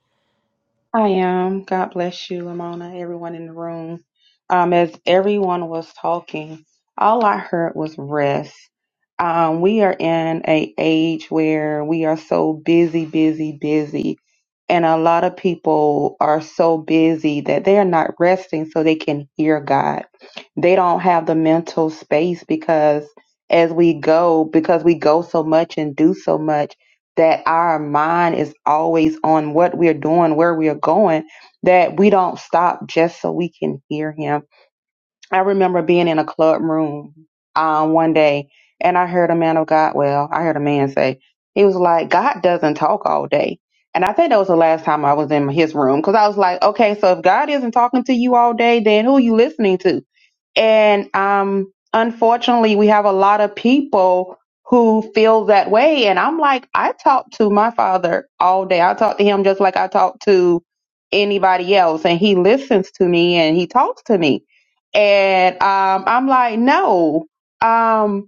Speaker 6: I am. God bless you, Lamona, everyone in the room. Um, as everyone was talking, all I heard was rest. Um, we are in a age where we are so busy, busy, busy, and a lot of people are so busy that they are not resting so they can hear God. They don't have the mental space because as we go, because we go so much and do so much that our mind is always on what we're doing, where we're going, that we don't stop just so we can hear him. I remember being in a club room um, one day and I heard a man of God, well, I heard a man say, he was like, God doesn't talk all day. And I think that was the last time I was in his room because I was like, okay, so if God isn't talking to you all day, then who are you listening to? And um, unfortunately, we have a lot of people who feel that way. And I'm like, I talk to my father all day. I talk to him just like I talk to anybody else. And he listens to me and he talks to me. And um, I'm like, no. Um,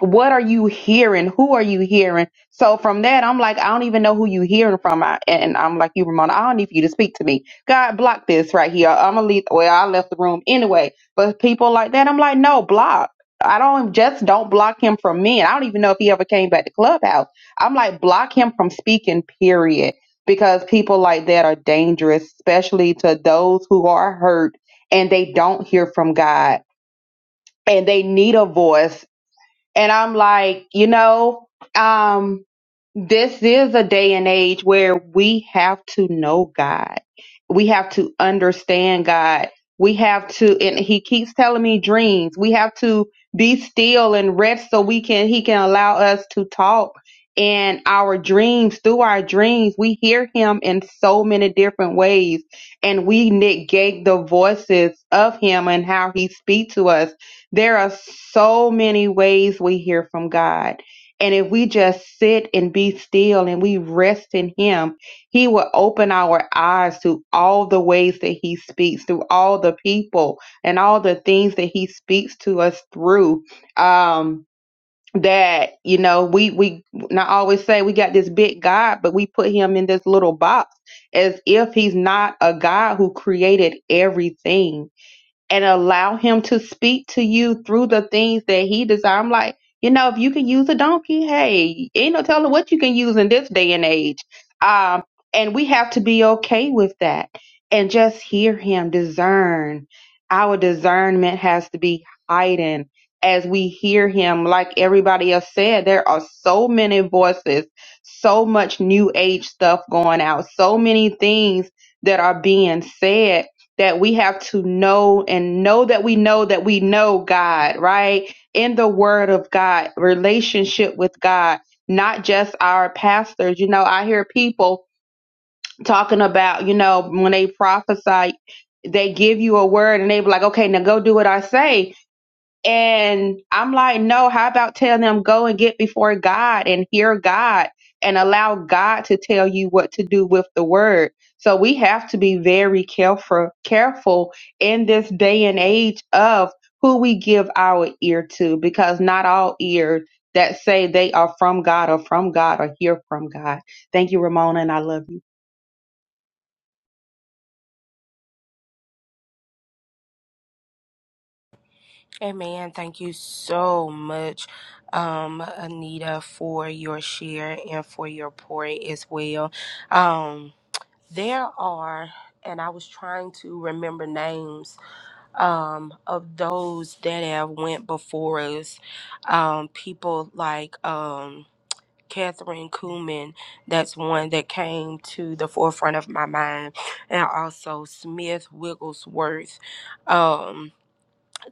Speaker 6: what are you hearing? Who are you hearing? So from that, I'm like, I don't even know who you hearing from. I, and I'm like, you, Ramona, I don't need for you to speak to me. God block this right here. I'm gonna leave. Well, I left the room anyway. But people like that, I'm like, no, block. I don't just don't block him from men. I don't even know if he ever came back to clubhouse. I'm like, block him from speaking. Period. Because people like that are dangerous, especially to those who are hurt and they don't hear from God and they need a voice and I'm like, you know, um, this is a day and age where we have to know God. We have to understand God. We have to, and he keeps telling me dreams. We have to be still and rest so we can, he can allow us to talk in our dreams through our dreams. We hear him in so many different ways and we negate the voices of him and how he speaks to us there are so many ways we hear from God. And if we just sit and be still and we rest in Him, He will open our eyes to all the ways that He speaks, through all the people and all the things that He speaks to us through. Um, that you know we we not always say we got this big god but we put him in this little box as if he's not a god who created everything and allow him to speak to you through the things that he desires. I'm like, you know, if you can use a donkey, hey, ain't no telling what you can use in this day and age. Um, and we have to be okay with that and just hear him discern. Our discernment has to be heightened as we hear him. Like everybody else said, there are so many voices, so much new age stuff going out, so many things that are being said that we have to know and know that we know that we know God, right? In the word of God, relationship with God, not just our pastors. You know, I hear people talking about, you know, when they prophesy, they give you a word and they be like, okay, now go do what I say and I'm like, no, how about telling them go and get before God and hear God and allow God to tell you what to do with the word. So we have to be very careful careful in this day and age of who we give our ear to because not all ears that say they are from God or from God or hear from God. Thank you, Ramona, and I love you.
Speaker 1: Amen. Thank you so much, um, Anita, for your share and for your pour as well. Um, there are, and I was trying to remember names um, of those that have went before us, um, people like um, Catherine Kuhlman, that's one that came to the forefront of my mind, and also Smith Wigglesworth. Um,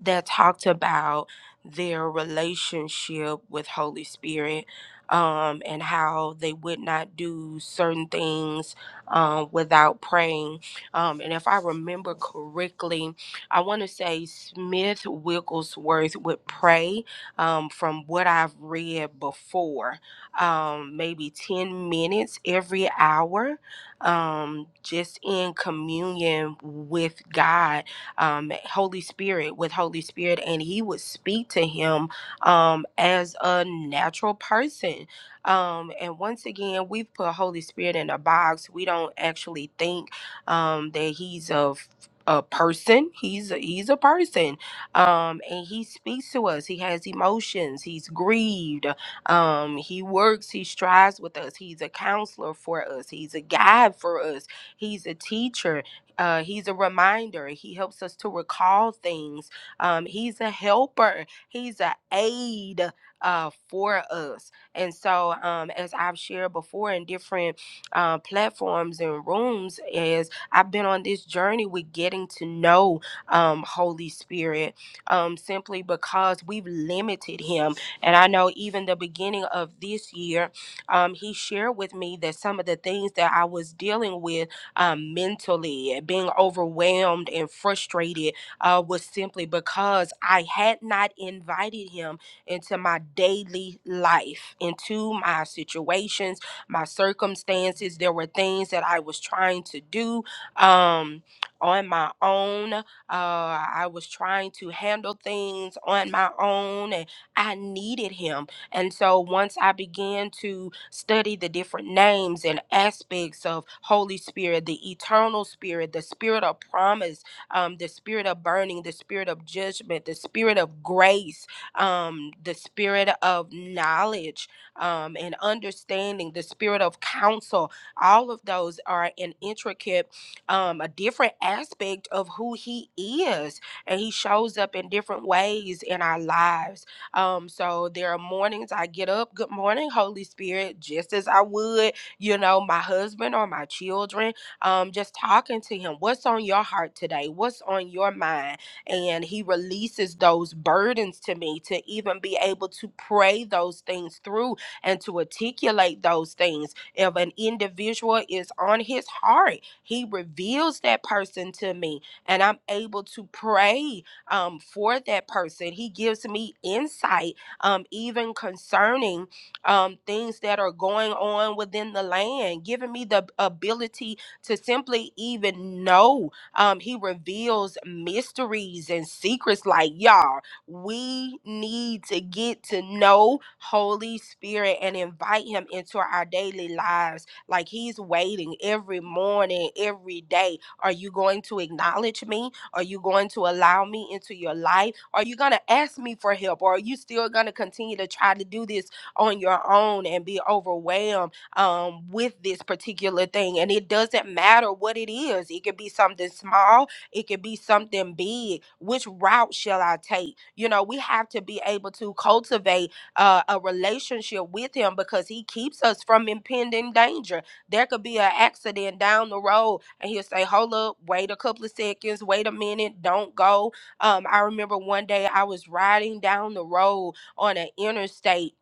Speaker 1: that talked about their relationship with Holy Spirit um, and how they would not do certain things um, without praying. Um, and if I remember correctly, I want to say Smith Wigglesworth would pray um, from what I've read before, um, maybe 10 minutes every hour, um, just in communion with God um, Holy Spirit with Holy Spirit, and he would speak to him um, as a natural person. Um, and once again, we've put Holy Spirit in a box. We don't actually think um, that he's a f- a person he's a, he's a person um and he speaks to us he has emotions he's grieved um he works he strives with us he's a counselor for us he's a guide for us he's a teacher uh, he's a reminder. He helps us to recall things. Um, he's a helper. He's an aid uh, for us. And so, um, as I've shared before in different uh, platforms and rooms, as I've been on this journey with getting to know um, Holy Spirit, um, simply because we've limited him. And I know even the beginning of this year, um, he shared with me that some of the things that I was dealing with um, mentally, being overwhelmed and frustrated uh, was simply because I had not invited him into my daily life, into my situations, my circumstances. There were things that I was trying to do um, on my own. Uh, I was trying to handle things on my own, and I needed him. And so once I began to study the different names and aspects of Holy Spirit, the eternal spirit, the spirit of promise, um, the spirit of burning, the spirit of judgment, the spirit of grace, um, the spirit of knowledge um, and understanding, the spirit of counsel, all of those are an intricate, um, a different aspect of who He is. And He shows up in different ways in our lives um, so there are mornings I get up, good morning, Holy Spirit, just as I would, you know, my husband or my children. Um, just talking to him, what's on your heart today? What's on your mind? And he releases those burdens to me to even be able to pray those things through and to articulate those things. If an individual is on his heart, he reveals that person to me, and I'm able to pray um, for that person. He gives me insight, um, even concerning um, things that are going on within the land, giving me the ability to simply even know. Um, he reveals mysteries and secrets. Like, y'all, we need to get to know Holy Spirit and invite Him into our daily lives. Like, He's waiting every morning, every day. Are you going to acknowledge me? Are you going to allow me into your life? Are you going to ask me for help? Or are you still going to continue to try to do this on your own and be overwhelmed um, with this particular thing? And it doesn't matter what it is, it could be something small, it could be something big. Which route shall I take? You know, we have to be able to cultivate uh, a relationship with Him because He keeps us from impending danger there could be an accident down the road, and he'll say, "Hold up, wait a couple of seconds, wait a minute, don't go." Um, I remember one day I was riding down the road on an interstate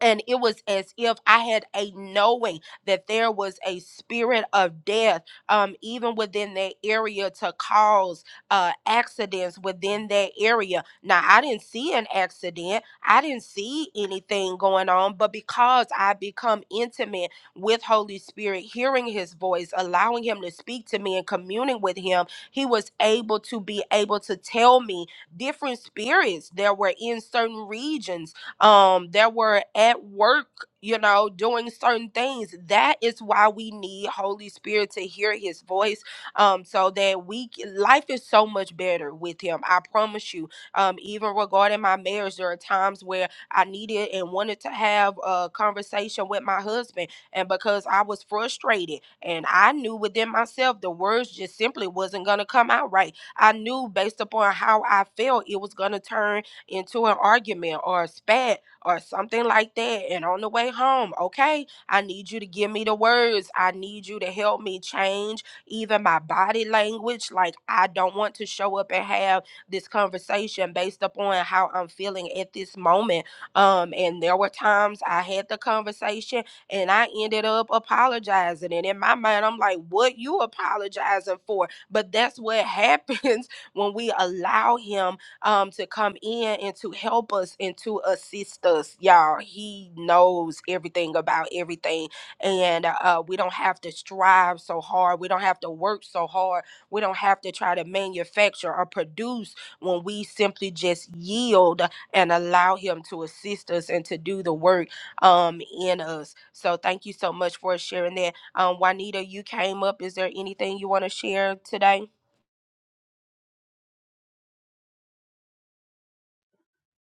Speaker 1: and it was as if I had a knowing that there was a spirit of death, um, even within that area to cause uh, accidents within that area. Now, I didn't see an accident, I didn't see anything going on, but because I become intimate with Holy Spirit, hearing His voice, allowing Him to speak to me and communing with Him, He was able to be able to tell me different spirits that were in certain regions um, that were at work, you know, doing certain things. That is why we need Holy Spirit to hear His voice, um, so that we c- life is so much better with Him. I promise you. Um, even regarding my marriage, there are times where I needed and wanted to have a conversation with my husband, and because I was frustrated and I knew within myself the words just simply wasn't gonna come out right. I knew based upon how I felt it was gonna turn into an argument or a spat or something like that. And on the way home, okay, I need you to give me the words. I need you to help me change even my body language. Like, I don't want to show up and have this conversation based upon how I'm feeling at this moment. Um, and there were times I had the conversation and I ended up apologizing. And in my mind, I'm like, what you apologizing for? But that's what happens when we allow him um, to come in and to help us and to assist us, y'all. He knows everything about everything, and uh, we don't have to strive so hard. We don't have to work so hard. We don't have to try to manufacture or produce when we simply just yield and allow Him to assist us and to do the work um, in us. So, thank you so much for sharing that. Um, Juanita, you came up. Is there anything you want to share today?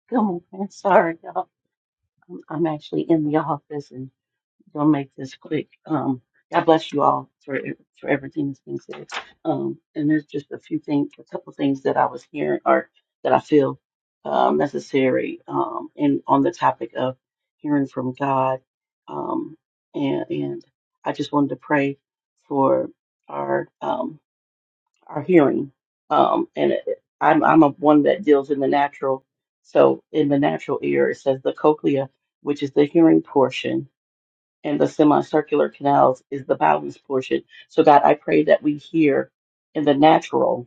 Speaker 7: Good morning. Sorry, y'all. I'm actually in the office and gonna make this quick. Um, God bless you all for for everything that's been said. Um, and there's just a few things, a couple things that I was hearing or that I feel um, necessary. Um, and on the topic of hearing from God, um, and and I just wanted to pray for our um our hearing. Um, and it, I'm I'm a one that deals in the natural. So in the natural ear, it says the cochlea, which is the hearing portion, and the semicircular canals is the balance portion. So God, I pray that we hear in the natural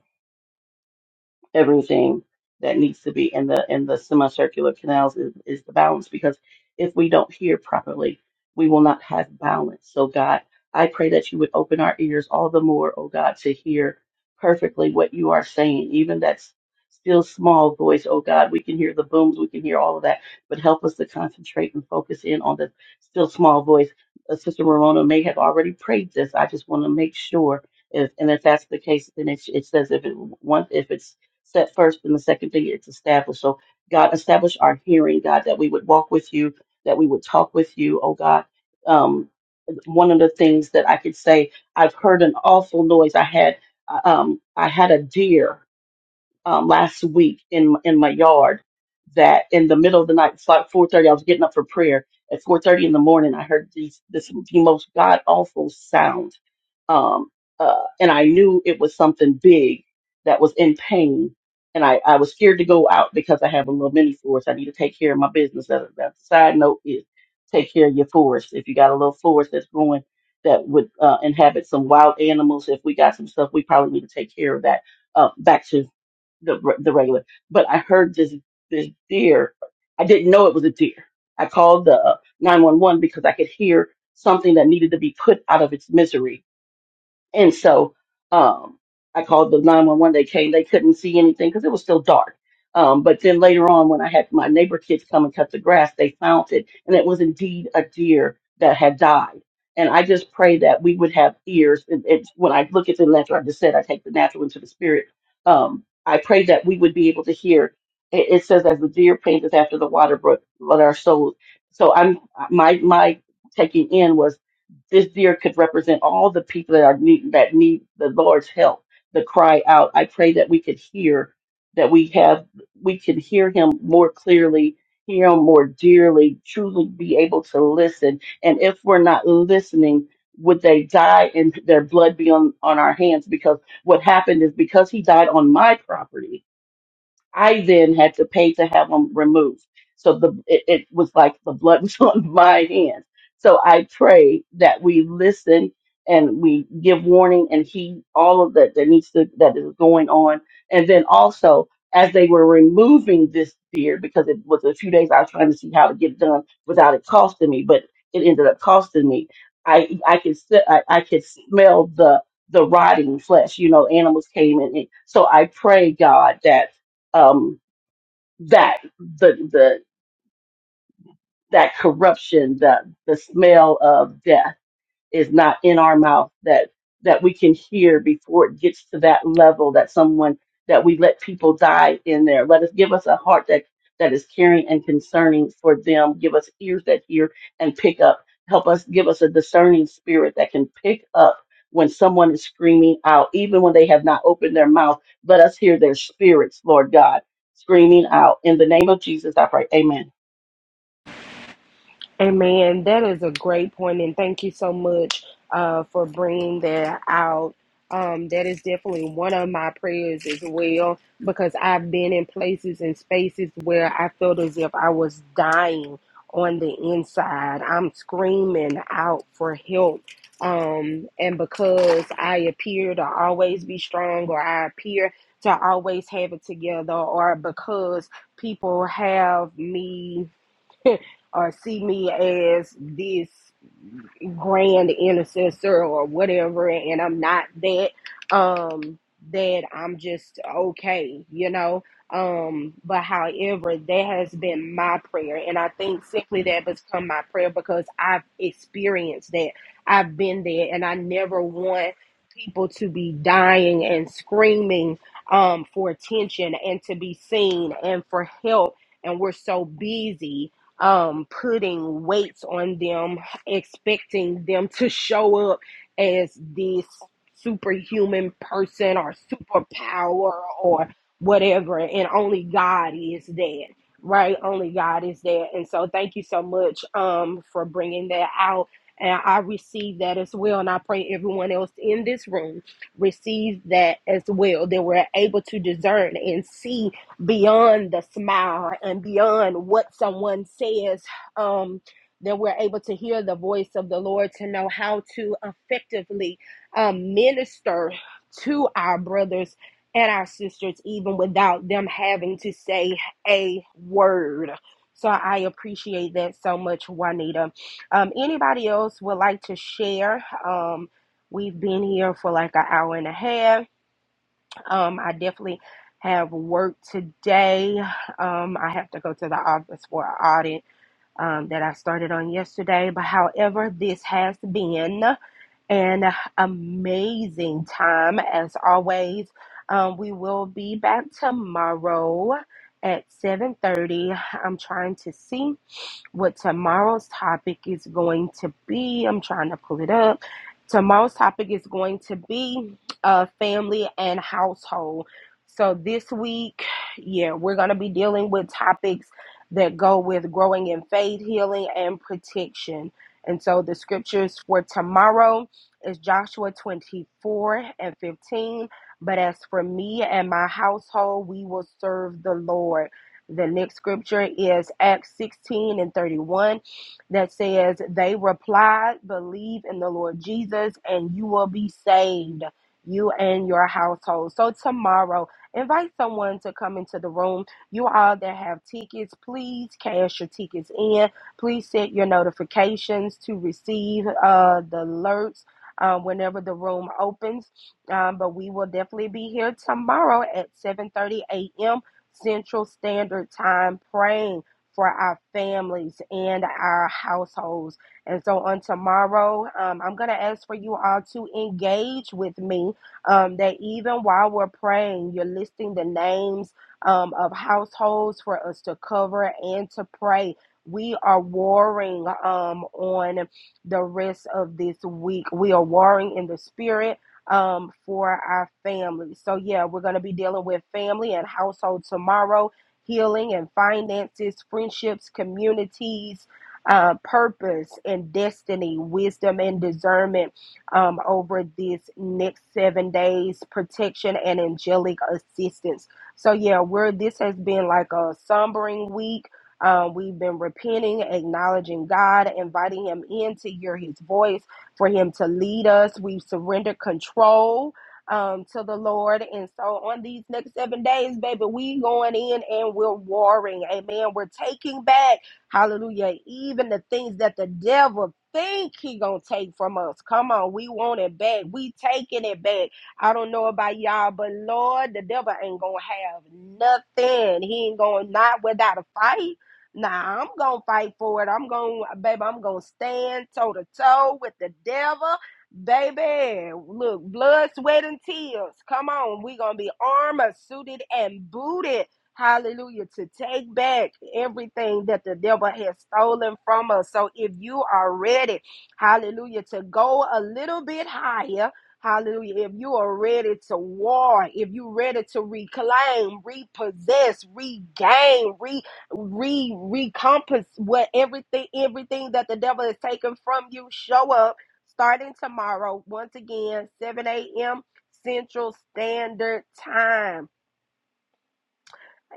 Speaker 7: everything that needs to be in the in the semicircular canals is, is the balance because if we don't hear properly we will not have balance so god i pray that you would open our ears all the more oh god to hear perfectly what you are saying even that s- still small voice oh god we can hear the booms we can hear all of that but help us to concentrate and focus in on the still small voice Uh, sister ramona may have already prayed this i just want to make sure if and if that's the case then it, it says if it once if it's set first and the second thing it's established. So God, establish our hearing, God, that we would walk with you, that we would talk with you, oh God. Um, one of the things that I could say, I've heard an awful noise. I had uh, um, I had a deer um, last week in in my yard that in the middle of the night, it's like 4:30. I was getting up for prayer at 4:30 in the morning. I heard these this the most god awful sound, um, uh, and I knew it was something big that was in pain. And I, I was scared to go out because I have a little mini forest. I need to take care of my business. That, that side note is take care of your forest. If you got a little forest that's growing that would uh, inhabit some wild animals, if we got some stuff, we probably need to take care of that uh, back to the the regular. But I heard this this deer. I didn't know it was a deer. I called the uh, nine one one because I could hear something that needed to be put out of its misery and so um, I called the 911. They came. They couldn't see anything because it was still dark. Um, but then later on, when I had my neighbor kids come and cut the grass, they found it. And it was indeed a deer that had died. And I just pray that we would have ears. And it's when I look at the natural, I just said I take the natural into the spirit. Um, I pray that we would be able to hear. It, it says, as the deer panteth after the water brook, let our souls. So I'm my my taking in was this deer could represent all the people that are need, that need the Lord's help, the cry out. I pray that we could hear, that we have, we could hear Him more clearly, hear Him more dearly, truly be able to listen. And if we're not listening, would they die and their blood be on on our hands? Because what happened is because He died on my property I then had to pay to have them removed. So the it, it was like the blood was on my hands. So I pray that we listen and we give warning and heed all of that that needs to that is going on. And then also as they were removing this beard, because it was a few days I was trying to see how to get it done without it costing me, but it ended up costing me. I I could se- I, I could smell the the rotting flesh. You know, animals came in. So I pray God that um, that the the that corruption, the the smell of death is not in our mouth that that we can hear before it gets to that level that someone that we let people die in there let us give us a heart that that is caring and concerning for them give us ears that hear and pick up help us give us a discerning spirit that can pick up when someone is screaming out even when they have not opened their mouth let us hear their spirits lord god screaming out in the name of jesus i pray amen
Speaker 1: Amen. That is a great point, and thank you so much uh, for bringing that out. Um, that is definitely one of my prayers as well, because I've been in places and spaces where I felt as if I was dying on the inside. I'm screaming out for help. Um, and because I appear to always be strong, or I appear to always have it together, or because people have me or see me as this grand intercessor or whatever and I'm not that um that I'm just okay, you know. Um but however that has been my prayer and I think simply that has become my prayer because I've experienced that. I've been there and I never want people to be dying and screaming um for attention and to be seen and for help and we're so busy um, putting weights on them, expecting them to show up as this superhuman person or superpower or whatever. And only God is that, right? Only God is that. And so, thank you so much um, for bringing that out. And I receive that as well. And I pray everyone else in this room receives that as well, that we're able to discern and see beyond the smile and beyond what someone says um then we're able to hear the voice of the lord to know how to effectively um, minister to our brothers and our sisters even without them having to say a word so i appreciate that so much juanita um, anybody else would like to share um, we've been here for like an hour and a half um, I definitely have work today. Um, I have to go to the office for an audit um, that I started on yesterday. But however, this has been an amazing time as always. Um, we will be back tomorrow at 7:30. I'm trying to see what tomorrow's topic is going to be. I'm trying to pull it up. Tomorrow's topic is going to be uh, family and household. So this week, yeah, we're going to be dealing with topics that go with growing in faith, healing, and protection. And so the scriptures for tomorrow is Joshua 24 and 15. But as for me and my household, we will serve the Lord. The next scripture is Acts 16 and 31 that says, They replied, Believe in the Lord Jesus, and you will be saved, you and your household. So, tomorrow, invite someone to come into the room. You all that have tickets, please cash your tickets in. Please set your notifications to receive uh, the alerts. uh, whenever the room opens, um, but we will definitely be here tomorrow at 7:30 a.m Central Standard Time, praying for our families and our households. And so on tomorrow, um, I'm going to ask for you all to engage with me um, that even while we're praying, you're listing the names um, of households for us to cover and to pray. We are warring um, on the rest of this week. We are warring in the spirit um, for our family. So, yeah, we're going to be dealing with family and household tomorrow, healing and finances, friendships, communities, uh, purpose and destiny, wisdom and discernment um, over this next seven days, protection and angelic assistance. So, yeah, we're this has been like a sombering week. Um, we've been repenting, acknowledging God, inviting Him in to hear His voice for Him to lead us. We've surrendered control um, to the Lord. And so on these next seven days, baby, we going in and we're warring. Amen. We're taking back, hallelujah, even the things that the devil think he gonna take from us. Come on, we want it back. We taking it back. I don't know about y'all, but Lord, the devil ain't gonna have nothing. He ain't gonna not without a fight. Nah, I'm gonna fight for it. I'm gonna, baby, I'm gonna stand toe to toe with the devil, baby. Look, blood, sweat, and tears. Come on, we gonna be armor suited and booted. Hallelujah. To take back everything that the devil has stolen from us. So if you are ready, hallelujah, to go a little bit higher. Hallelujah. If you are ready to war, if you're ready to reclaim, repossess, regain, re re recompass what everything everything that the devil has taken from you show up starting tomorrow once again 7 a.m central standard time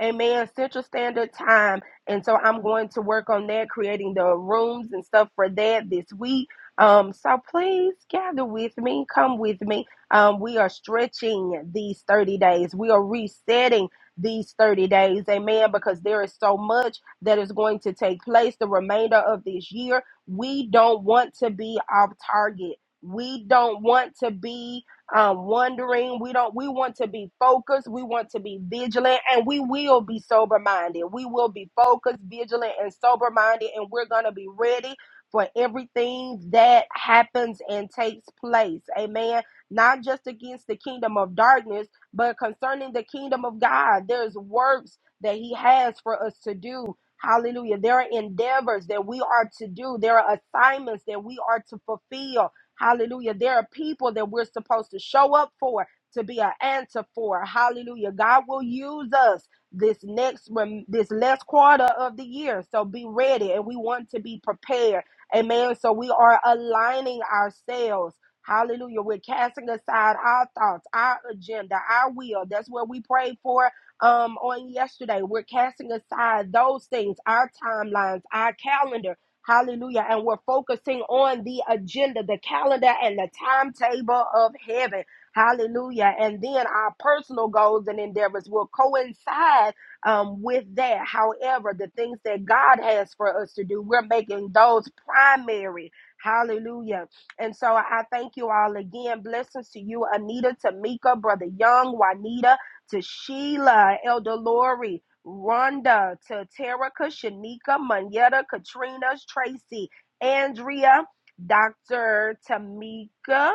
Speaker 1: Amen. Central Standard Time. And so I'm going to work on that, creating the rooms and stuff for that this week. Um, so please gather with me, come with me. Um, we are stretching these 30 days, we are resetting these 30 days, amen, because there is so much that is going to take place the remainder of this year. We don't want to be off target. We don't want to be um, wondering. We don't. We want to be focused. We want to be vigilant, and we will be sober minded. We will be focused, vigilant, and sober minded, and we're gonna be ready for everything that happens and takes place. Amen. Not just against the kingdom of darkness, but concerning the kingdom of God. There's works that He has for us to do. Hallelujah. There are endeavors that we are to do. There are assignments that we are to fulfill Hallelujah. There are people that we're supposed to show up for, to be an answer for. Hallelujah. God will use us this next rem- this last quarter of the year. So be ready and we want to be prepared. Amen. So we are aligning ourselves. Hallelujah. We're casting aside our thoughts, our agenda, our will. That's what we prayed for um on yesterday. We're casting aside those things, our timelines, our calendar Hallelujah. And we're focusing on the agenda, the calendar, and the timetable of heaven. Hallelujah. And then our personal goals and endeavors will coincide um, with that. However, the things that God has for us to do, we're making those primary. Hallelujah. And so I thank you all again. Blessings to you, Anita, Tamika, Brother Young, Juanita, to Sheila, Elder Lori, Rhonda, to Taterica, Shanika, Monietta, Katrina, Tracy, Andrea, Dr. Tamika,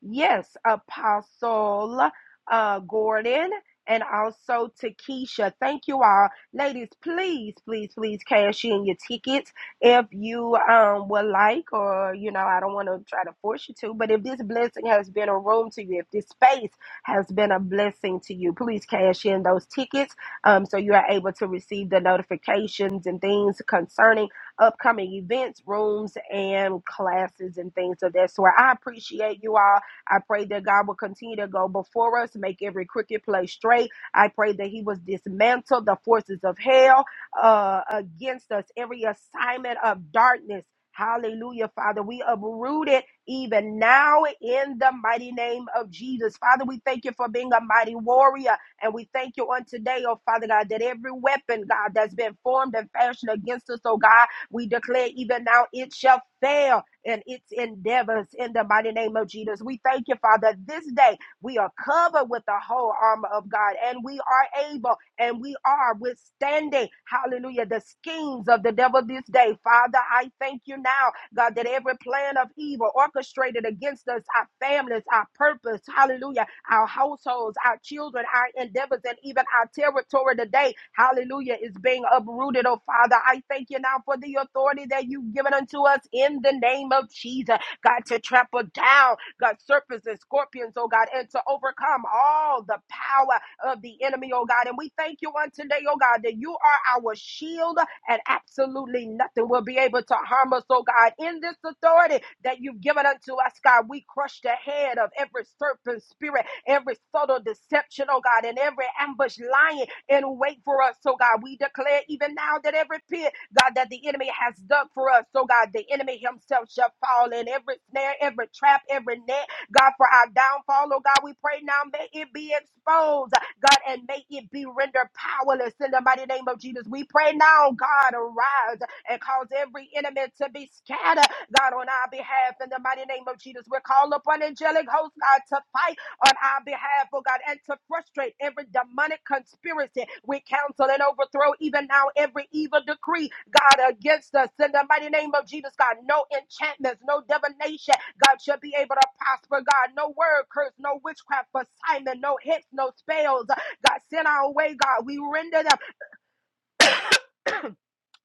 Speaker 1: yes, Apostle uh, Gordon, and also to Keisha. Thank you all. Ladies, please, please, please cash in your tickets if you um would like, or you know, I don't want to try to force you to, but if this blessing has been a room to you, if this space has been a blessing to you, please cash in those tickets um, so you are able to receive the notifications and things concerning upcoming events, rooms, and classes and things of that sort. I appreciate you all. I pray that God will continue to go before us, make every crooked place straight. I pray that He was dismantled the forces of hell uh, against us, every assignment of darkness. Hallelujah, Father. We uproot it even now in the mighty name of Jesus. Father, we thank you for being a mighty warrior. And we thank you on today, oh Father God, that every weapon, God, that's been formed and fashioned against us, oh God, we declare even now it shall fail in its endeavors in the mighty name of Jesus. We thank you, Father. This day we are covered with the whole armor of God and we are able and we are withstanding, hallelujah, the schemes of the devil this day. Father, I thank you now, God, that every plan of evil orchestrated against us, our families, our purpose, hallelujah our households, our children, our endeavors, and even our territory today. Hallelujah is being uprooted, oh Father. I thank you now for the authority that you've given unto us in the name of Jesus. God, to trample down, God, serpents and scorpions, oh God, and to overcome all the power of the enemy, oh God. And we thank you on today, oh God, that you are our shield and absolutely nothing will be able to harm us, oh God. In this authority that you've given unto us, God, we crush the head of every serpent spirit, every subtle deception, oh God, and every ambush lying in wait for us, oh God. We declare even now that every pit, God, that the enemy has dug for us, oh God, the enemy himself shall fall in every snare, every trap, every net, God, for our downfall, oh God. We pray now, may it be exposed God, and may it be rendered powerless in the mighty name of Jesus. We pray now, God, arise and cause every enemy to be scattered, God, on our behalf in the mighty name of Jesus. We call upon angelic hosts, God, to fight on our behalf, oh God, and to frustrate every demonic conspiracy. We counsel and overthrow even now every evil decree, God, against us in the mighty name of Jesus, God. No enchantments, no divination, God, shall be able to prosper, God. No word curse, no witchcraft assignment, no hits, no spells. God, send our way, God. We render them.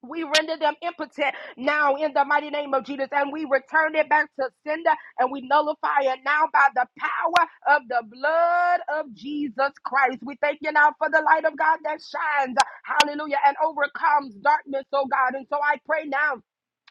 Speaker 1: We render them impotent now in the mighty name of Jesus, and we return it back to sender, and we nullify it now by the power of the blood of Jesus Christ. We thank you now for the light of God that shines, hallelujah, and overcomes darkness, oh God. And so I pray now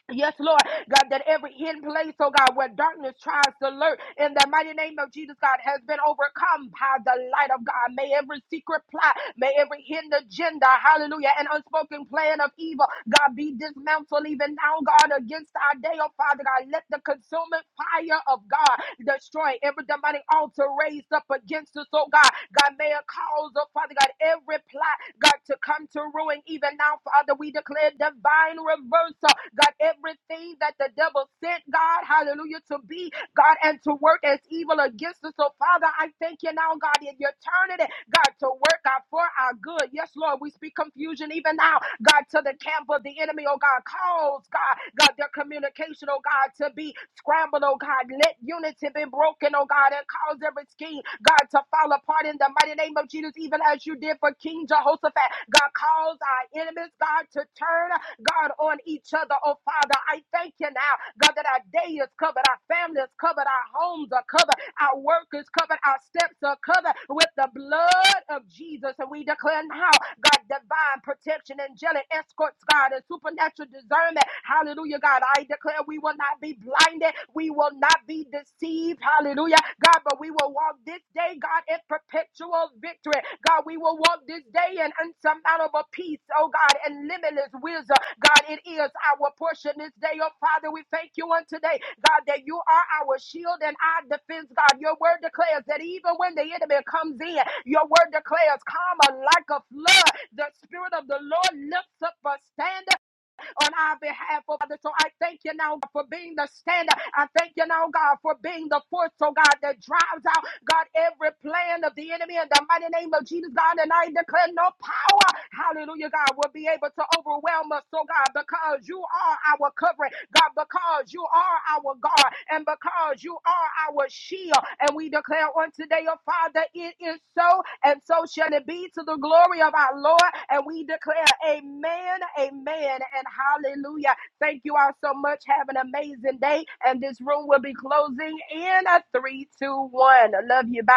Speaker 1: Yes, Lord, God, that every hidden place, oh God, where darkness tries to lurk in the mighty name of Jesus, God, has been overcome by the light of God. May every secret plot, may every hidden agenda, hallelujah, and unspoken plan of evil, God, be dismantled even now, God, against our day, oh Father God. God. Let the consuming fire of God destroy every demonic altar raised up against us, oh God. God, may it cause, oh Father God, every plot, God, to come to ruin. Even now, Father, we declare divine reversal. God, everything that the devil sent, God, hallelujah, to be. God, and to work as evil against us. So, Father, I thank you now, God, that you're turning it, God, to work out for our good. Yes, Lord, we speak confusion even now, God, to the camp of the enemy, oh God, calls, God, God, their communication, oh God, to be scrambled, oh God. Let unity and been broken, oh God, and caused every scheme, God, to fall apart in the mighty name of Jesus, even as you did for King Jehoshaphat. God, cause our enemies, God, to turn, God, on each other, oh Father. I thank you now, God, that our day is covered, our family is covered, our homes are covered. Our work is covered. Our steps are covered with the blood of Jesus. And we declare now, God, divine protection, angelic escorts, God, and supernatural discernment. Hallelujah, God. I declare we will not be blinded. We will not be deceived. Hallelujah, God. But we will walk this day, God, in perpetual victory. God, we will will walk this day in unsurmountable peace, oh God, and limitless wisdom. God, it is our portion this day, oh Father. We thank you on today, God, that you are our shield and our defense, God. Your word declares that even when the enemy comes in, your word declares, calm like a flood. The spirit of the Lord lifts up a standard on our behalf, oh Father. So I thank you now God, for being the standard. I thank you now, God, for being the force, oh God, that drives out, God, every plan of the enemy in the mighty name of Jesus, God. And I declare no power, hallelujah, God, will be able to overwhelm us, oh God, because because you are our covering, God, because you are our God, and because you are our shield. And we declare on today, oh Father, it is so, and so shall it be to the glory of our Lord. And we declare, Amen, Amen, and Hallelujah. Thank you all so much. Have an amazing day. And this room will be closing in a three, two, one. I Love you. Bye.